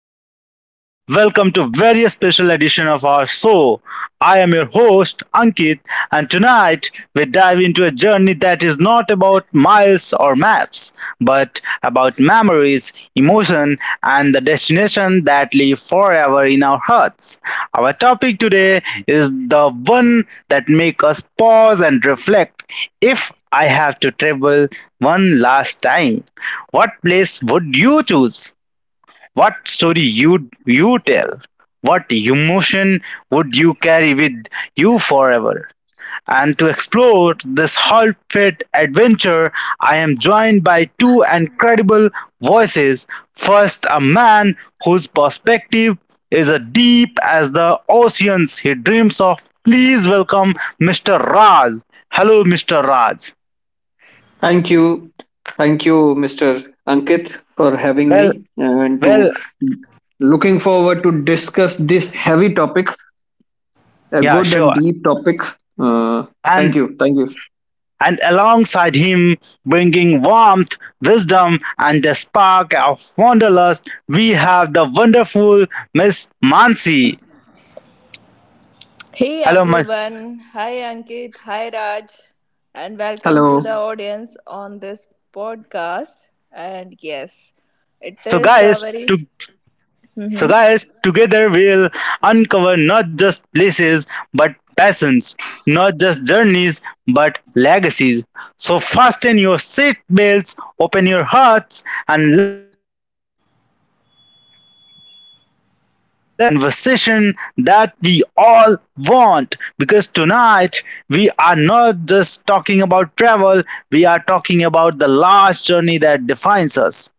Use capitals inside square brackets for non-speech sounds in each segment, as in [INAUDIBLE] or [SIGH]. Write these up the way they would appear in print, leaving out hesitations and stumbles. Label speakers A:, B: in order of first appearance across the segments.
A: And girls, welcome to very special edition of our show. I am your host Ankit, and tonight we dive into a journey that is not about miles or maps, but about memories, emotion, and the destination that live forever in our hearts. Our topic today is the one that make us pause and reflect. If I have to travel one last time. What place would you choose? What story would you tell? What emotion would you carry with you forever? And to explore this whole fit adventure, I am joined by two incredible voices. First, a man whose perspective is as deep as the oceans he dreams of. Please welcome Mr. Raj. Hello, Mr. Raj.
B: Thank you. Thank you, Mr. Ankit, for having
A: Well,
B: me and to
A: well,
B: looking forward to discuss this heavy topic, a
A: yeah,
B: good and
A: sure.
B: deep topic. Uh, thank
A: And
B: you. Thank you.
A: and alongside him, bringing warmth, wisdom, and the spark of wanderlust, we have the wonderful Miss Mansi.
C: Hey
A: Hello, Ma-
C: everyone. Hi Ankit. Hi Raj. And welcome to the
B: Hello.
C: audience on this podcast. And yes, it
A: so
C: is a
A: guys,
C: very
A: to
C: hmm
A: So, guys, together we'll uncover not just places but passions, not just journeys but legacies. So, fasten your seat belts, open your hearts, and let's embark on this unforgettable and conversation that we all want. Because tonight we are not just talking about travel, we are talking about the last journey that defines us,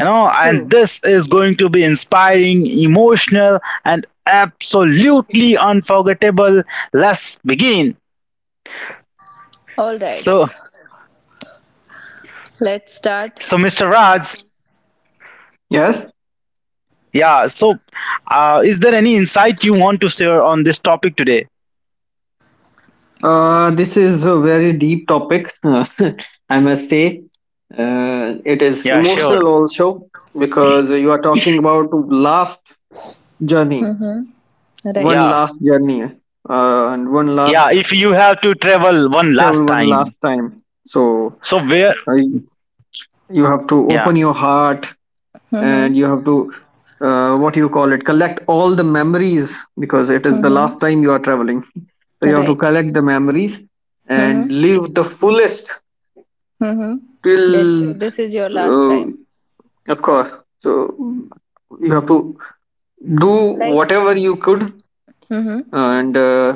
A: and
C: true.
A: this is going to be inspiring, emotional, and absolutely unforgettable. Let's begin.
C: All right.
A: so
C: Let's start.
A: so mr raj
B: Yes.
A: yeah so uh, is there any insight you want to share on this topic today?
B: This is a very deep topic. [LAUGHS] I must say, it is
A: Yeah, sure.
B: emotional also because you are talking about last journey,
C: Right.
B: one
A: Yeah,
B: last journey, and one
A: yeah,
B: last
A: if you have to travel one
B: travel,
A: last
B: one last
A: time,
B: time. So
A: so where
B: uh, you have to
A: yeah,
B: open your heart,
C: Mm-hmm.
B: and you have to, what you call it, collect all the memories because it is the
C: Mm-hmm.
B: last time you are traveling. So you have to
C: Right.
B: collect the memories
C: Mm-hmm.
B: and live the fullest
C: Mm-hmm.
B: till,
C: That this is your last
B: uh,
C: time.
B: of course. So you have to do
C: Like.
B: whatever you could
C: Mm-hmm.
B: and, uh,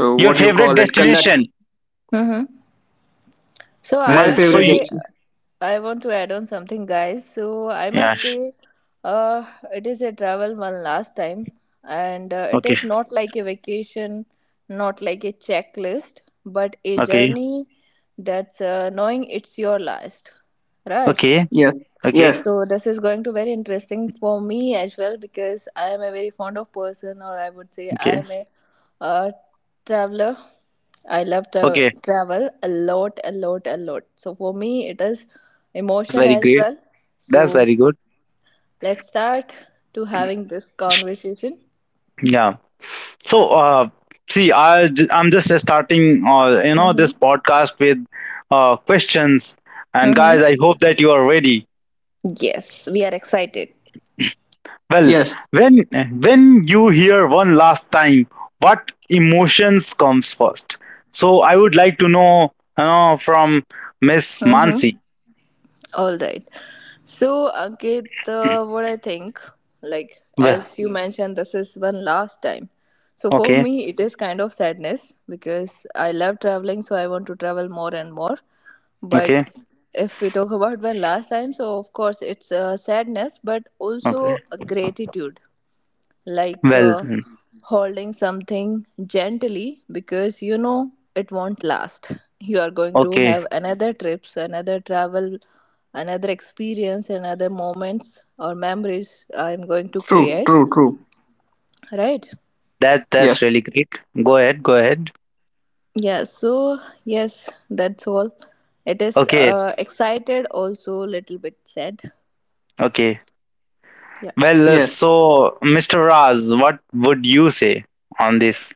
B: uh,
A: your
B: what you
A: favorite
B: call it,
A: destination.
B: collect
C: Mm-hmm. So I
A: Well
B: my
C: must
A: so
B: favorite
A: you
C: say,
B: destination.
C: I want to add on something, guys. So I
A: Yeah.
C: must say, uh, it is a travel one last time, and it
A: Okay,
C: is not like a vacation, not like a checklist, but a
A: okay,
C: journey that's knowing it's your last, right?
A: okay,
B: Yes,
A: okay,
B: yes,
C: So this is going to very interesting for me as well because I am a very fond of person, or I would say I
A: okay,
C: am a uh, traveler. I love to
A: okay.
C: travel a lot, a
A: Traveling, you
C: lot, a
A: love
C: lot. So
A: traveling.
C: for me,
A: Okay,
C: it is
A: so that's
C: emotion
A: very
C: as
A: great.
C: well.
A: That's
C: So
A: very good.
C: let's start to having this conversation.
A: Yeah. So, see, I'm just starting, you know,
C: Mm-hmm.
A: this podcast with, questions. And guys,
C: Mm-hmm.
A: I hope that you are ready.
C: Yes, we are excited.
A: Well,
B: yes.
A: when when you hear one last time, what emotions comes first? So I would like to know, you know, from Miss
C: Mm-hmm.
A: Mansi.
C: All right. So, Ankit, what I think, like, as
A: Well,
C: you mentioned, this is one last time. So, for
A: okay,
C: me, it is kind of sadness because I love traveling, so I want to travel more and more. But
A: okay,
C: if we talk about one last time, so of course, it's a sadness, but also
A: okay.
C: a gratitude like
A: Well,
C: holding something gently because you know it won't last. You are going to
A: okay.
C: have another trips, another travel, another experience, another moments or memories I'm going to
B: True,
C: create,
B: true, true.
C: right?
A: That
B: Yes,
A: that's really great. Go ahead, go ahead.
C: Yeah, so yes, that's all. It is
A: Okay,
C: excited also little bit sad.
A: okay.
C: Yeah.
A: Well,
B: yes.
A: so Mr. Raz, what would you say on this?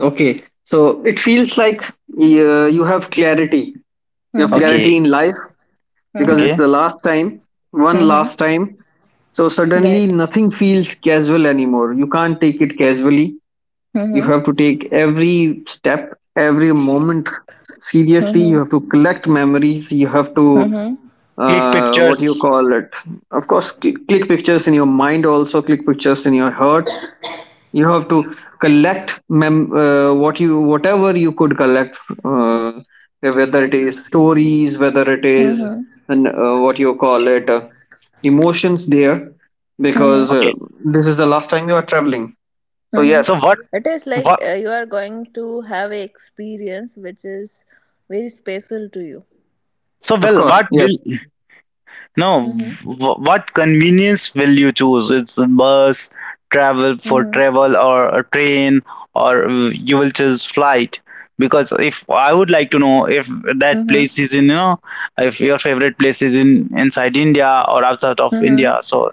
B: Okay, so it feels like, you have clarity. You have
C: Mm-hmm.
B: clarity in
A: Okay,
B: life because it's
C: Mm-hmm.
A: okay.
B: the last time, one
C: Mm-hmm.
B: last time. So suddenly
C: Right.
B: nothing feels casual anymore. You can't take it casually. You
C: Mm-hmm.
B: have to take every step, every moment seriously. You have to
C: Mm-hmm.
B: collect memories. You have to,
C: Mm-hmm.
A: Click
B: what do you
A: pictures.
B: call it? Of course, click pictures in your mind also, click pictures in your heart. You have to collect whatever you could collect, uh, whether it is stories, whether it is,
C: Mm-hmm.
B: and, what you call it, emotions there,
C: Mm-hmm.
B: because,
A: Okay.
B: this is the last time you are traveling. So
C: Mm-hmm.
B: yes,
A: So what
C: It is like
A: what
C: you are going to have an experience which is very special to you.
A: so
B: of
A: well
B: course,
A: what
B: yes.
A: will No,
C: Mm-hmm.
A: what convenience will you choose? It's a bus, travel for
C: Mm-hmm.
A: travel, or a train, or, you will choose flight. Because if I would like to know if that
C: Mm-hmm.
A: place is in, you know, if your favorite place is in, inside India or outside of
C: Mm-hmm.
A: India, so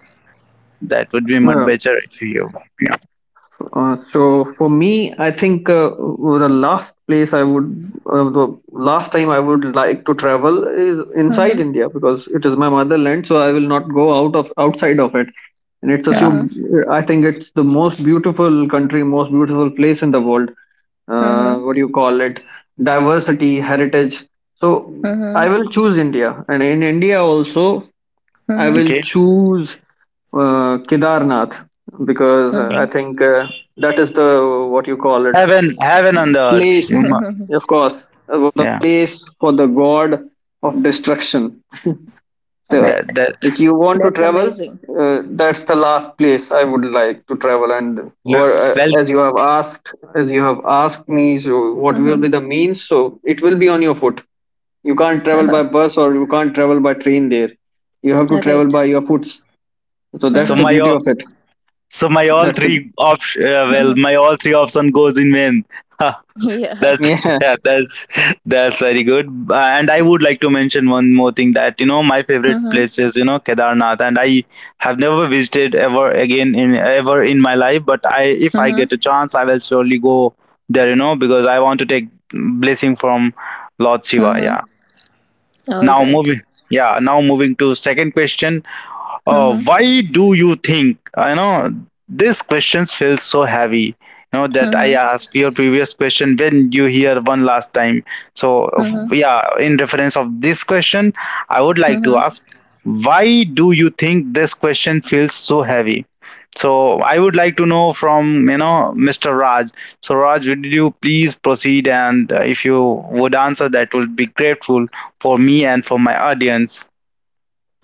A: that would be much
B: Yeah.
A: better if you, yeah,
B: So for me, I think, the last place I would, the last time I would like to travel is
C: Mm-hmm.
B: inside
C: Mm-hmm.
B: India because it is my motherland, so I will not go out of outside of it. And it's a
A: yeah,
B: sub-
C: Mm-hmm.
B: I think it's the most beautiful country, most beautiful place in the world. What
C: Mm-hmm.
B: do you call it? Diversity, heritage. So I will choose India, and in India also I
C: Mm-hmm.
B: will
A: okay.
B: choose, Kedarnath, because, I think, that is the, what you call it,
A: Heaven, heaven on the earth,
B: place,
A: you know.
C: Mm-hmm.
B: of course, the
A: Yeah,
B: place for the god of destruction.
C: [LAUGHS] All
B: So
C: right.
A: that that.
B: if you want to
C: That's
B: travel,
C: amazing.
B: that's the last place I would like to travel. And,
A: No.
B: or
A: Well,
B: as you have asked me, so what will
C: Mm-hmm.
B: be the means? So it will be on your foot. You can't travel by
C: [LAUGHS]
B: bus or you can't travel by train there. You have to
C: All
B: travel
C: right.
B: by your foot. So that's
A: so
B: the
C: Mm-hmm.
A: my
B: beauty of it.
A: so my all
B: That's the
A: three option, well,
C: [LAUGHS]
A: my all three option goes in vain. [LAUGHS] Ha,
C: Yeah.
A: that's,
B: Yeah.
A: yeah, that's very good. And I would like to mention one more thing, that you know my favorite place
C: Mm-hmm.
A: is, you know, Kedarnath, and I have never visited ever again in ever in my life. But I, if I get a
C: Mm-hmm.
A: chance, I will surely go there. You know, because I want to take blessing from Lord Shiva.
C: Mm-hmm.
A: Yeah.
C: All
A: Now
C: right.
A: moving. Yeah. Now moving to second question.
C: Mm-hmm.
A: Why do you think, you know, these questions feel so heavy? You know, that I
C: Mm-hmm.
A: asked your previous question, when you hear one last time. So,
C: Mm-hmm.
A: yeah, in reference of this question, I would like to
C: Mm-hmm.
A: ask, why do you think this question feels so heavy? So, I would like to know from, you know, Mr. Raj. So, Raj, would you please proceed? And, if you would answer, that would be grateful for me and for my audience.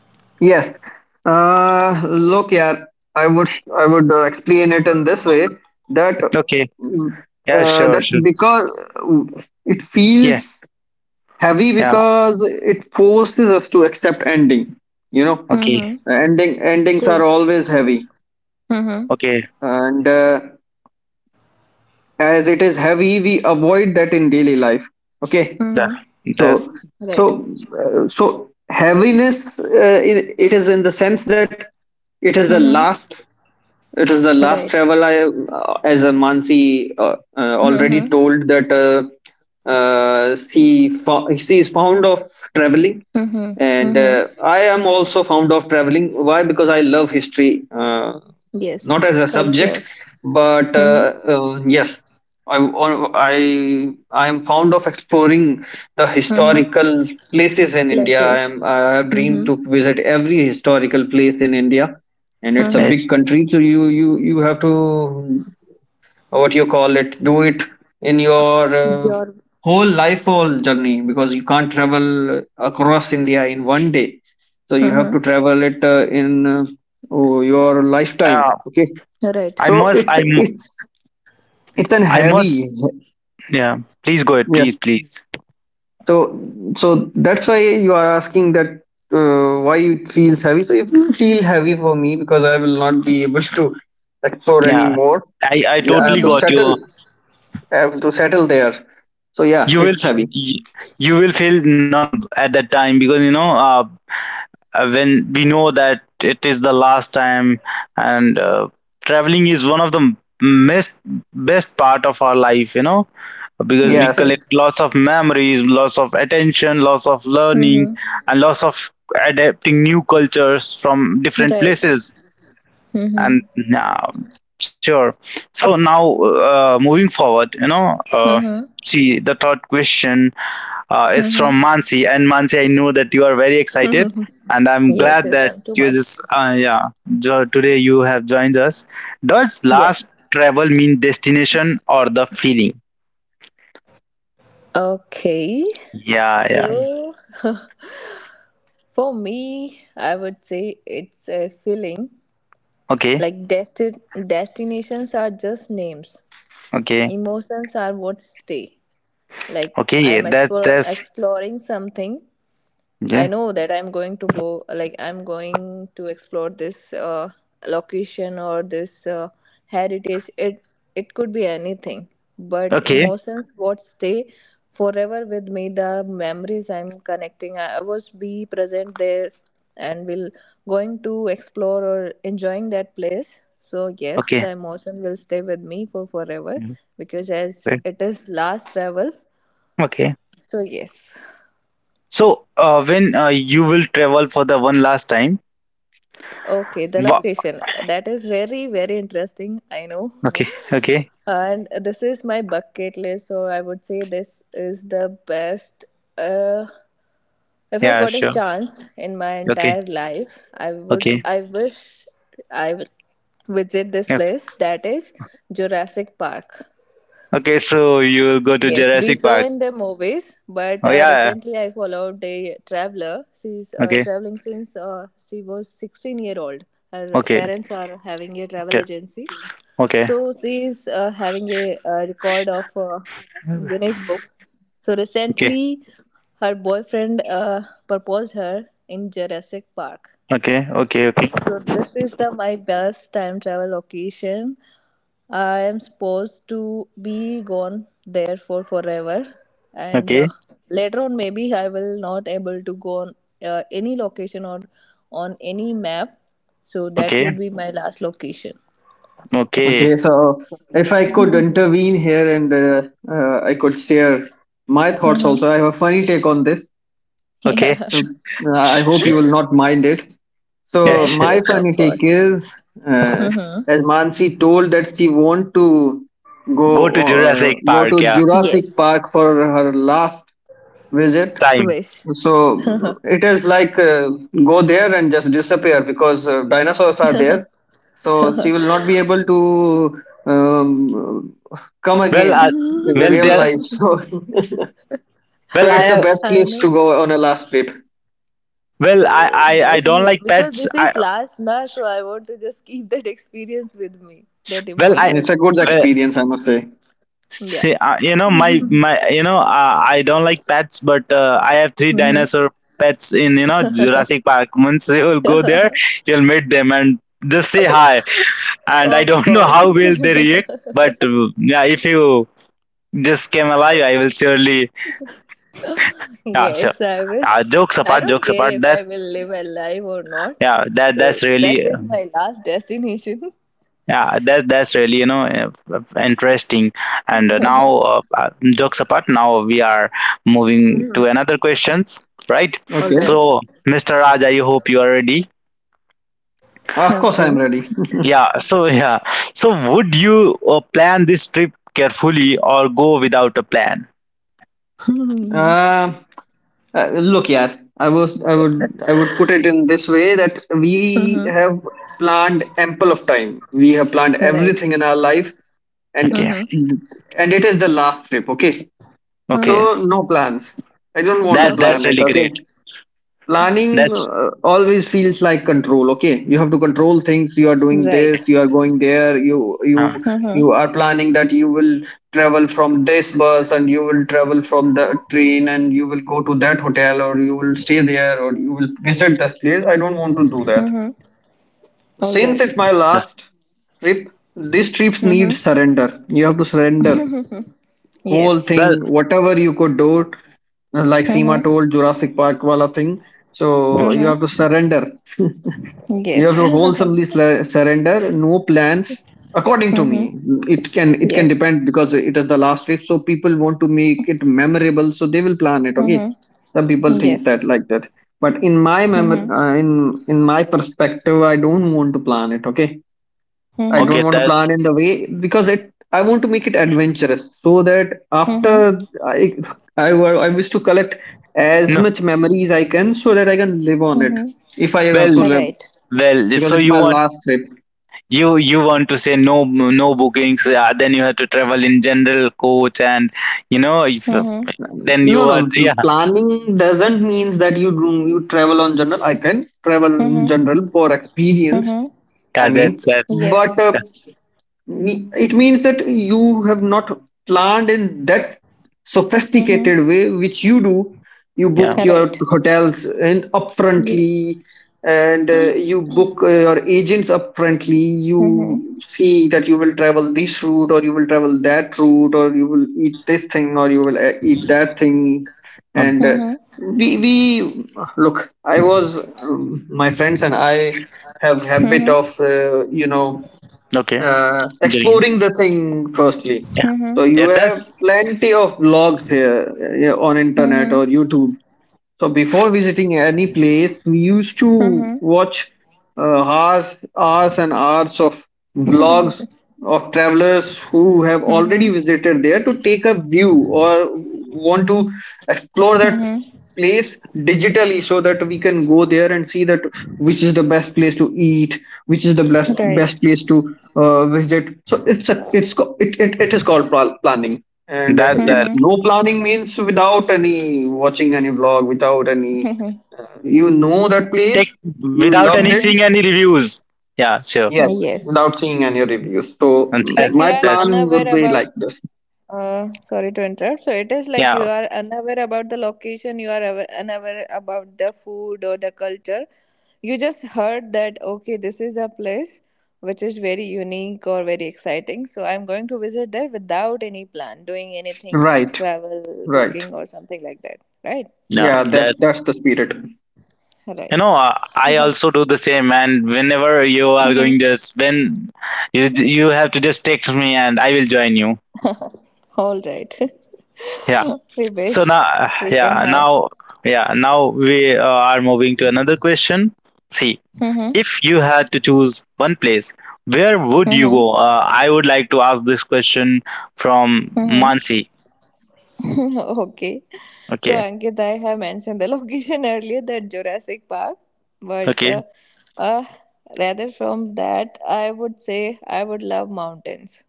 B: [LAUGHS] Yes. Look, yeah, I would I would explain it in this way, that,
A: Okay. Yeah, sure, sure.
B: because it
A: Yeah.
B: feels heavy,
A: Yeah.
B: because it forces us to accept ending. you know
A: Okay.
C: Mm-hmm.
B: Endings are
C: True.
B: always heavy.
C: Mm-hmm.
A: Okay.
B: And as it is heavy, we avoid that in daily life. Okay.
A: That
C: Mm-hmm.
B: so
A: that's
B: so
C: Right.
B: uh, so heaviness, it is in the sense that it is the last
C: Mm-hmm.
B: it is the last
C: Right.
B: travel. I As a Mansi, already
C: Mm-hmm.
B: told that, she is fond of traveling.
C: Mm-hmm.
B: And
C: Mm-hmm.
B: I am also fond of traveling. Why? Because I love history,
C: Yes.
B: not as a subject,
C: Culture.
B: but,
C: Mm-hmm.
B: yes, I am fond of exploring the
C: Mm-hmm.
B: historical places in India. I
C: Places.
B: have dreamed
C: Mm-hmm.
B: to visit every historical place in India, and it's a big
A: nice.
C: Mm-hmm.
B: country. So you have to, or what you call it, do it in your,
C: Your.
B: whole life, whole journey, because you can't travel across India in one day. So you have to
C: Mm-hmm.
B: travel it, in, oh, your lifetime.
A: Yeah.
B: Okay.
C: Right.
A: I
B: So
A: must.
B: it's
A: I'm.
B: it's it's an
A: I
B: heavy.
A: must. Yeah. Please go ahead.
B: Yes.
A: Please. Please.
B: So so that's why you are asking that, why it feels heavy. So it will feel heavy for me because I will not be able to explore
A: Yeah.
B: anymore.
A: I
B: Yeah, I have
A: totally
B: to
A: got
C: Mm-hmm.
B: settle,
A: you.
B: I have to settle there. So yeah,
A: You will.
B: it's heavy.
A: You, you will feel numb at that time, because you know. When we know that it is the last time, and, traveling is one of the best best part of our life. You know, because we
C: Yes.
B: Yes.
A: collect
C: Yes.
A: lots of memories, lots of attention, lots of learning,
C: Mm-hmm.
A: and lots of adapting new cultures from different
C: Right.
A: places.
C: Mm-hmm.
A: And, uh, sure. So now, moving forward, you know,
C: Mm-hmm.
A: see the third question, is from Mansi, and Mansi, I know that you are very excited,
C: Mm-hmm.
A: and
C: [LAUGHS]
A: I'm
C: yes.
A: glad
C: Yes.
A: that
C: I'm too
A: you just,
C: much.
A: yeah, today you have joined us. Does
C: Yeah.
A: last travel mean destination or the feeling?
C: Okay.
A: Yeah, yeah.
C: So, [LAUGHS] for me, I would say it's a feeling.
A: Okay.
C: Like destinations are just names.
A: Okay.
C: Emotions are what stay. Like
A: Okay. Yeah.
C: I'm
A: That's that's
C: exploring something. I
A: yeah.
C: know that I'm going to go, like I'm going to explore this location or this heritage. It could be anything, but
A: Okay.
C: emotions what stay forever with me, the memories I'm connecting. I was be present there and will going to explore or enjoying that place. So yes,
A: Okay.
C: the emotion will stay with me for forever
A: Mhm.
C: because as
A: Right.
C: it is last travel,
A: Okay.
C: so yes.
A: So, when, you will travel for the one last time?
C: Okay, the
A: Wa-
C: location. That is very, very interesting, I know.
A: okay. Okay.
C: And this is my bucket list, so I would say this is the best uh if I
A: Yeah.
C: got a
A: Sure.
C: chance in my
A: Okay.
C: entire life,
A: Okay.
C: I wish I would visit this
A: Yeah.
C: place that is Jurassic Park.
A: Okay. So you will go to
C: Yes, we
A: Jurassic
C: saw
A: Park.
C: in the movies, but
A: Oh yeah, yeah.
C: recently I followed a traveler. She's
A: Okay.
C: traveling since she was 16-year-old. Her
A: Okay.
C: parents are having a travel
A: Okay.
C: agency,
A: Okay.
C: so she is having a, record of
A: Okay.
C: Guinness Book. So
A: Okay.
C: recently, her boyfriend proposed her in Jurassic Park.
A: Okay. Okay.
C: So this is the my best time travel location. I am supposed to be gone there for forever, and
A: Okay.
C: later on maybe I will not able to go on any location or on any map. So that would
A: Okay.
C: be my last location.
A: Okay.
B: Okay. So if I could intervene here and, I could share my thoughts
C: Mm-hmm.
B: also.
C: [LAUGHS]
B: I have a funny take on this.
A: Okay.
C: Yeah.
B: So, I
A: Sh-
B: hope
A: sh-
B: you will not mind it.
A: Yeah.
B: So
C: Yes.
A: Sure.
B: my
C: Yes. Of
B: funny take
C: course.
B: is, uh,
C: Mm-hmm.
B: as Mansi told that she want to
A: Go to Jurassic
B: go
A: Park.
B: to
A: Yeah.
B: Jurassic
C: Yes.
B: Park for her last visit.
A: Time.
C: Wish.
B: So it is like, go there and just disappear because, dinosaurs are there. So she will not be able to, come
A: Well.
B: again in the
C: [LAUGHS]
A: Well.
B: real
A: There.
B: life. [LAUGHS] So
A: Well. I
B: it's the
A: have.
B: best
C: I
B: place
C: know.
B: to go on a last trip.
A: Well, I
C: Yes,
A: don't like
C: because
A: pets.
C: this
A: I
C: is last now, so I want to just keep that experience with me, that
A: well I
B: It's a
C: emotion.
B: good
A: Well,
B: experience, I must say.
C: Yeah.
A: see, you know, my you know, I don't like pets, but, I have three
C: Mm-hmm.
A: dinosaur pets in, you know, Jurassic Park. [LAUGHS] Once you will go there, you'll meet them and just say hi. And I
C: Of
A: don't [LAUGHS] know
C: course.
A: how will they react, but, yeah, if you just came alive, I will surely,
C: [LAUGHS]
A: yeah. So,
C: yes, I wish.
A: jokes
C: I
A: apart,
C: don't
A: jokes
C: care
A: apart.
C: if
A: That
C: I will live alive or not.
A: yeah, that
C: So
A: that's
C: that
A: really,
C: is my last destination.
A: yeah, that that's really, you know, interesting. And, now, jokes apart, now we are
C: [LAUGHS]
A: moving to
C: hmm.
A: another questions, right?
C: All
B: Okay,
C: right.
A: So, Mr. Raj, I hope you are ready.
B: of course I'm
C: Okay.
B: ready. [LAUGHS]
A: Yeah. So yeah. So would you, plan this trip carefully or go without a plan?
C: [LAUGHS]
B: Uh, look, yeah, I would put it in this way that we
C: Mhm.
B: have planned ample of time. We have planned
C: All right.
B: everything in our life, and
A: Okay.
C: Mhm.
B: and it is the last trip. Okay, so
A: Okay.
C: Mhm.
B: no plans. I don't want to
A: That that's
C: Okay.
B: plan it.
A: really
B: Okay,
A: great.
B: planning,
A: That's,
B: always feels like control. Okay, you have to control things, you are doing
C: Right.
B: this, you are going there, you
A: um,
C: Mhm.
B: you are planning that you will travel from this bus, and you will travel from the train, and you will go to that hotel, or you will stay there, or you will visit this place. I don't want to do that
C: Mhm. All
B: since
C: right.
B: it's my
A: that,
B: last trip. These trips need
C: Mhm.
B: surrender, you have to surrender whole
A: that
B: thing,
C: Yes.
B: whatever you could do, like Seema
C: Mhm.
B: told, Jurassic Park wala thing. So you
C: Mhm.
B: have to surrender. [LAUGHS] You
C: Yes.
B: have to
C: [LAUGHS]
B: wholesomely surrender. No plans. According to
C: Mhm.
B: me, it can
C: Yes.
B: depend because it is the last trip. So people want to make it memorable, so they will plan it. Okay,
C: Mhm.
B: some people think
C: Yes.
B: that like that. But in my mem-
C: Mhm.
B: uh, in in my perspective, I don't want to plan it. Okay, I
C: Mhm.
B: don't
A: okay.
B: want to
A: That
B: plan in the way because, it I want to make it adventurous so that
C: Mhm.
B: after I, wa- I wish to collect as
A: no.
B: much memories I can, so that I can live on it
C: Mhm.
B: if I have
A: Well,
B: to
C: All
B: live,
C: right.
A: well.
B: because it's my last trip.
A: You you want to say no, no bookings, then you have to travel in general coach, and you know if,
C: Mm-hmm.
A: then you
B: No,
A: are,
B: no,
A: yeah,
B: planning doesn't mean that you travel on general. I can travel in
C: Mm-hmm.
B: general for experience.
C: Mm-hmm.
B: I
A: yeah, that's
B: mean,
A: that,
C: Yes.
B: but, it means that you have not planned in that
C: Mm-hmm.
B: sophisticated way which you do. You
A: yeah,
B: book your
C: Right.
B: hotels in
C: Yeah.
B: upfrontly, and, you book, your agents upfrontly.
C: Mm-hmm.
B: You see that you will travel this route, or you will travel that route, or you will eat this thing, or you will, eat that thing.
A: um,
B: And
C: Mm-hmm.
B: we look. I was My friends and I have habit of,
C: Mm-hmm.
A: okay, getting it.
B: exploring the thing firstly.
A: Yeah,
C: Mm-hmm.
B: So
A: yeah,
B: you have
A: that's
B: plenty of blogs here, yeah, on internet
C: Mm-hmm.
B: or YouTube. So before visiting any place, we used to
C: Mm-hmm.
B: watch, hours, hours and hours of vlogs of travelers who have already
C: Mm-hmm.
B: visited there to take a view, or want to explore that
C: Mm-hmm.
B: place digitally, so that we can go there and see that which is the best place to eat, which is the best
C: Right.
B: best place to, visit. So it's a it's co- it is called planning.
A: that, that
C: Mm-hmm.
B: No planning means without any watching any vlog, without any,
C: Mm-hmm.
B: you know that place,
A: take
B: you
A: without
B: loved
A: any
B: it,
C: Mm-hmm.
A: seeing any reviews, yeah, sure
B: yes,
C: Yes.
B: without seeing any reviews. So,
A: and that
C: Like you
B: my
C: are
A: that's,
B: plan will
C: unaware
B: be
C: about.
B: like this.
C: Sorry to interrupt. So it is like you
A: yeah,
C: are unaware about the location, you are unaware about the food or the culture. You just heard that, okay, this is a place which is very unique or very exciting. So I'm going to visit there without any plan, doing anything,
B: Right,
C: travel,
B: right.
C: booking, or something like that. Right?
A: no,
B: Yeah,
A: that,
B: that's the spirit.
A: you
C: Right.
A: know, I also do the same, and whenever you are
C: Mhm.
A: going this, when you you have to just text me and I will join you,
C: [LAUGHS] All right.
A: yeah.
C: [LAUGHS] we
A: So
C: wish
A: now,
C: we can
A: yeah,
C: have.
A: now, yeah, now we, are moving to another question. See,
C: Mm-hmm.
A: if you had to choose one place, where would you go?
C: Mm-hmm.
A: I would like to ask this question from
C: Mm-hmm.
A: Mansi.
C: [LAUGHS] Okay. So,
A: Okay,
C: Ankit, I have mentioned the location [LAUGHS] earlier that Jurassic Park, but
A: okay,
C: uh, rather from that, I would say I would love mountains.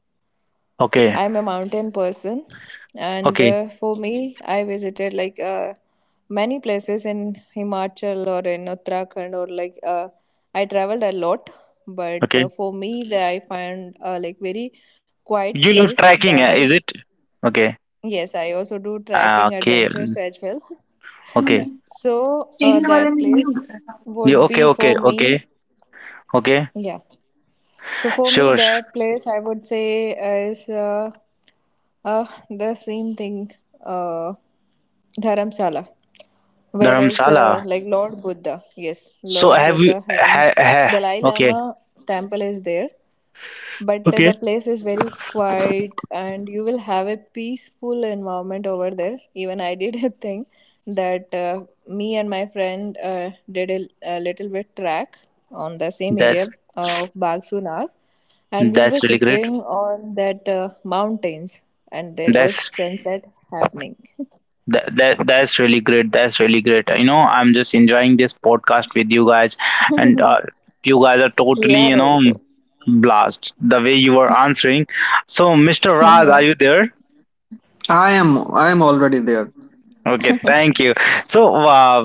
A: okay,
C: I'm a mountain person, and
A: okay,
C: for me, I visited like many places in Himachal or in Uttarakhand, or like I traveled a lot. But
A: okay.
C: for me, that I find like very quiet
A: You love
C: place
A: tracking,
C: that
A: eh,
C: is.
A: is it? Okay,
C: Yes, I also do
A: ah,
C: tracking
A: okay,
C: adventures
A: mm,
C: as well.
A: okay.
C: So that place
A: You
C: would
A: okay,
C: be
A: okay,
C: for me.
A: okay, okay.
C: Yeah. So for me,
A: Sure, sh-
C: that place I would say is the same thing, uh, Dharamsala. Whereas,
A: Dharamsala.
C: like Lord Buddha, yes,
A: So
C: Lord
A: have you?
C: Buddha having
A: Ha, ha,
C: Dalai
A: okay,
C: Lama temple is there. But
A: okay.
C: the place is very quiet and you will have a peaceful environment over there. Even I did a thing that me and my friend did a little bit track on the same area
A: That's
C: of Bagsu Nag. And we were
A: that's really great.
C: sitting on that mountains and there was
A: That's
C: sunset happening. [LAUGHS]
A: That, that that's really great. That's really great. You know, I'm just enjoying this podcast with you guys, and, you guys are
C: We
A: totally,
C: are
A: you know,
C: also.
A: blast the way you are answering. So, Mr. Raj, are
C: Mhm.
A: you there?
B: I am already there.
A: Okay, thank you. So,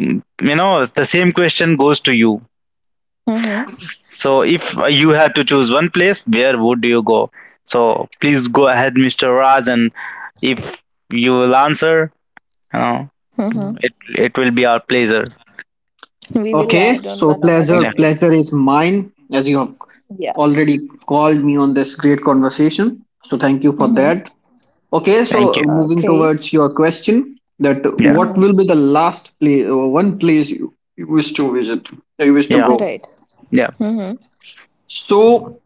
A: you know, the same question goes to you.
C: Mhm.
A: So, if you had to choose one place, where would you go? So, please go ahead, Mr. Raj, and if you will answer, you know,
C: Mhm.
A: it it will be our pleasure.
C: We will
B: Okay,
C: add on
B: so
C: one another
B: pleasure,
A: Yeah,
C: place.
B: pleasure is mine, as you have
C: Yeah.
B: already called me on this great conversation. So thank you for
C: Mm-hmm.
B: that. Okay,
A: thank you.
B: so moving
C: Okay.
B: towards your question, that
A: Yeah,
B: what
C: Mm-hmm.
B: will be the last place or one place you wish to visit, you wish to
A: yeah,
B: go?
C: Right.
A: yeah,
C: Mm-hmm.
B: So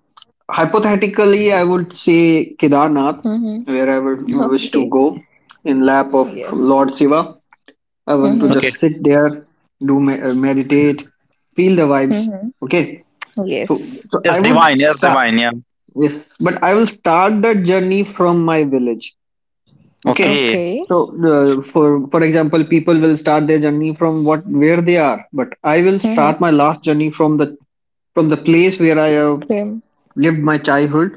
B: hypothetically, I would say Kedarnath,
C: Mm-hmm.
B: where I would
C: [LAUGHS]
B: wish to
C: Okay.
B: go in lap of
C: Yes.
B: Lord Shiva. I want to
C: Mm-hmm.
A: okay,
B: just sit there, meditate, feel the vibes.
C: Mm-hmm.
B: Okay, so
C: Yes.
B: so I
A: it's
B: would
A: divine. Yes,
B: start.
A: divine, yeah,
B: Yes, but I will start that journey from my village. Okay.
A: okay,
C: Okay.
B: So, for example, people will start their journey from what where they are, but I will start
C: Mm-hmm.
B: my last journey from the place where I have
C: Cream.
B: lived my childhood,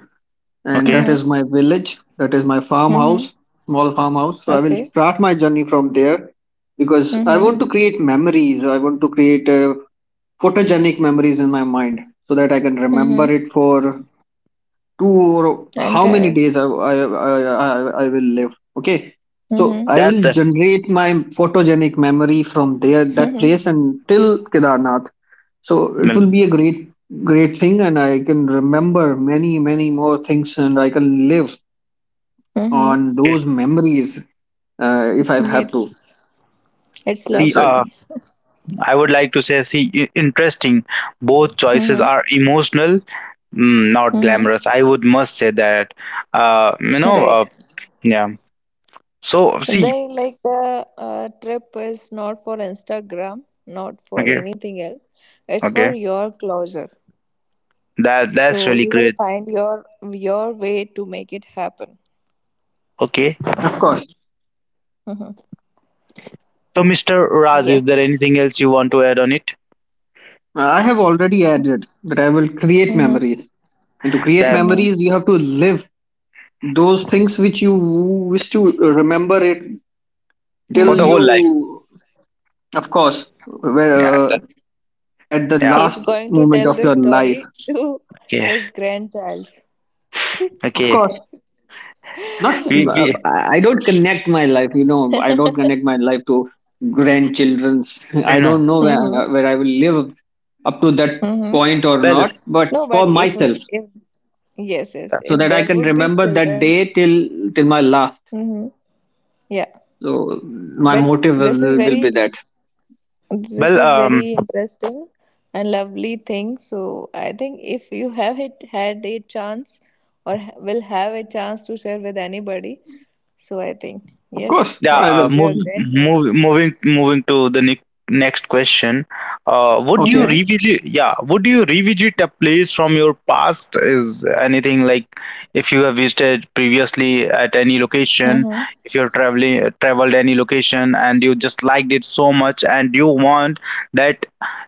B: and
A: okay,
B: that is my
C: Mm-hmm.
B: village, that is my
C: Mm-hmm.
B: farmhouse, small farmhouse. So I will
C: Okay.
B: start my journey from there because I
C: Mm-hmm.
B: want to create memories. I want to create, photogenic memories in my mind so that I can
C: Mm-hmm.
B: remember it for 2 or how many
C: Entire.
B: days I will live. Okay. So
C: Mm-hmm.
B: I
A: that's
B: will
A: the,
B: generate my photogenic memory from there, that place,
C: Mm-hmm.
B: and till Kedarnath. So it
A: well,
B: will be a great, great thing. And I can remember many, many more things and I can live
C: Mm-hmm.
B: on
A: okay.
B: those memories, if I have to.
C: Yes. It's
A: See,
B: It's, uh,
A: uh,
C: lovely.
A: I would like to say, see, interesting, both choices
C: Mm-hmm.
A: are emotional, mm, not
C: Mm-hmm.
A: glamorous, I would must say that, uh, you know,
C: Right.
A: yeah, so see,
C: They like the trip is not for Instagram, not for
A: okay,
C: anything else. It's for
A: okay,
C: your closure.
A: that that's
C: So
A: really
C: you will
A: great.
C: find your way to make it happen.
A: Okay,
B: of course,
C: Mm-hmm.
A: so Mr. Raz, is there
C: Yes.
A: anything else you want to add on it,
B: I have already added that I will create
C: Mm-hmm.
B: memories. And to create
A: that's
B: memories,
C: Mm-hmm.
B: you have to live those things which you wish to remember it
A: for
B: till
A: the
C: Mm-hmm.
A: whole life,
B: you, of course. where,
A: yeah, that,
B: uh, at the
A: yeah,
B: last
C: He's going
B: moment
C: to
B: of your
C: tell the
B: life,
C: story to
A: okay,
C: his grandchild.
B: of
A: okay.
B: course not.
A: We,
B: I don't connect my life, I don't connect my life to grandchildren's. [LAUGHS]
A: you
B: I
A: know,
B: don't know
C: Mm-hmm.
B: where I will live up to that
C: Mm-hmm.
B: point or
A: well.
B: not, but
C: No, but
B: for
C: if
B: myself,
C: if yes, yes,
B: so
C: if
B: that I
C: there
B: can
C: would be
B: remember that
C: children.
B: day till till my last.
C: Mm-hmm. Yeah,
B: So my
C: but
B: motive
C: this is
B: will be
C: very.
B: that,
C: This
A: Well,
C: is very interesting and lovely thing. So I think if you have it had a chance or will have a chance to share with anybody, so I think
B: of
C: yes,
B: course
A: yeah,
C: that
B: I
C: could
B: will.
C: be a grand sense.
A: moving to the next question.
B: [LAUGHS]
A: Would you
B: Okay,
C: Mm-hmm.
A: revisit? Yeah, would you revisit a place from your past? Is anything like, if you have visited previously at any location,
C: Mm-hmm.
A: if you're traveling, traveled any location, and you just liked it so much, and you want that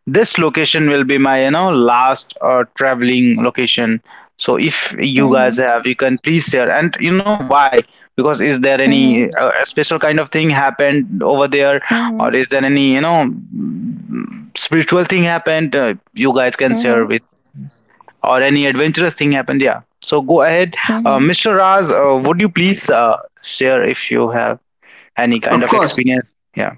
A: this location will be my, you know, last, traveling location. So if you guys
C: Mm-hmm.
A: have, you can please share, and you know why, because is there any, a special kind of thing happened over there, or is
C: Mm-hmm.
A: there any, you know, mm, spiritual thing happened, you guys can share with,
C: Mm-hmm.
A: or any adventurous thing happened, yeah, so go ahead,
C: Mm-hmm.
A: Mr. Raz, would you please, share if you have any kind
B: of
A: of
B: course.
A: experience, yeah.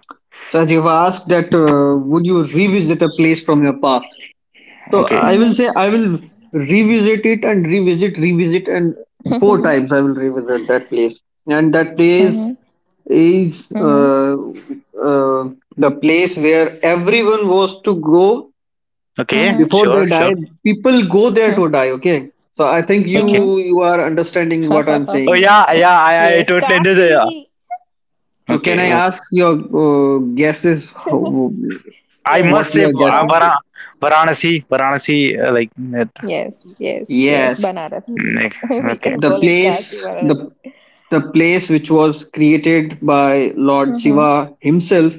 B: So as you've asked that, would you revisit a place from your past? So
A: Okay,
B: I will say
C: Mm-hmm.
B: I will revisit it and revisit, and four
C: Mm-hmm.
B: times I will revisit that place. And that place
C: Mm-hmm.
B: is
C: Mm-hmm.
B: the place where everyone was to go
A: okay,
C: Mm-hmm.
B: before they
A: sure, sure,
B: die. People go there to die. Okay. So I think
A: okay,
B: you are understanding what I'm
A: oh
B: saying.
A: yeah, yeah,
C: [LAUGHS]
A: I
C: Yes,
A: totally understand, yeah.
C: Kasi.
B: So can
A: Okay,
B: I ask your guesses?
A: I
C: Yes,
A: must
B: What you
A: say,
B: are
C: it's
B: guessing?
C: Kasi.
A: Varanasi, varanasi, like that.
C: Yes, yes, yes.
B: Yes.
A: Mm,
C: Banaras.
A: like,
C: [LAUGHS] we
A: okay,
C: can
B: The
C: call it
B: place,
C: Kasi Varanasi.
B: the the place which was created by Lord
C: Mm-hmm.
B: Shiva himself.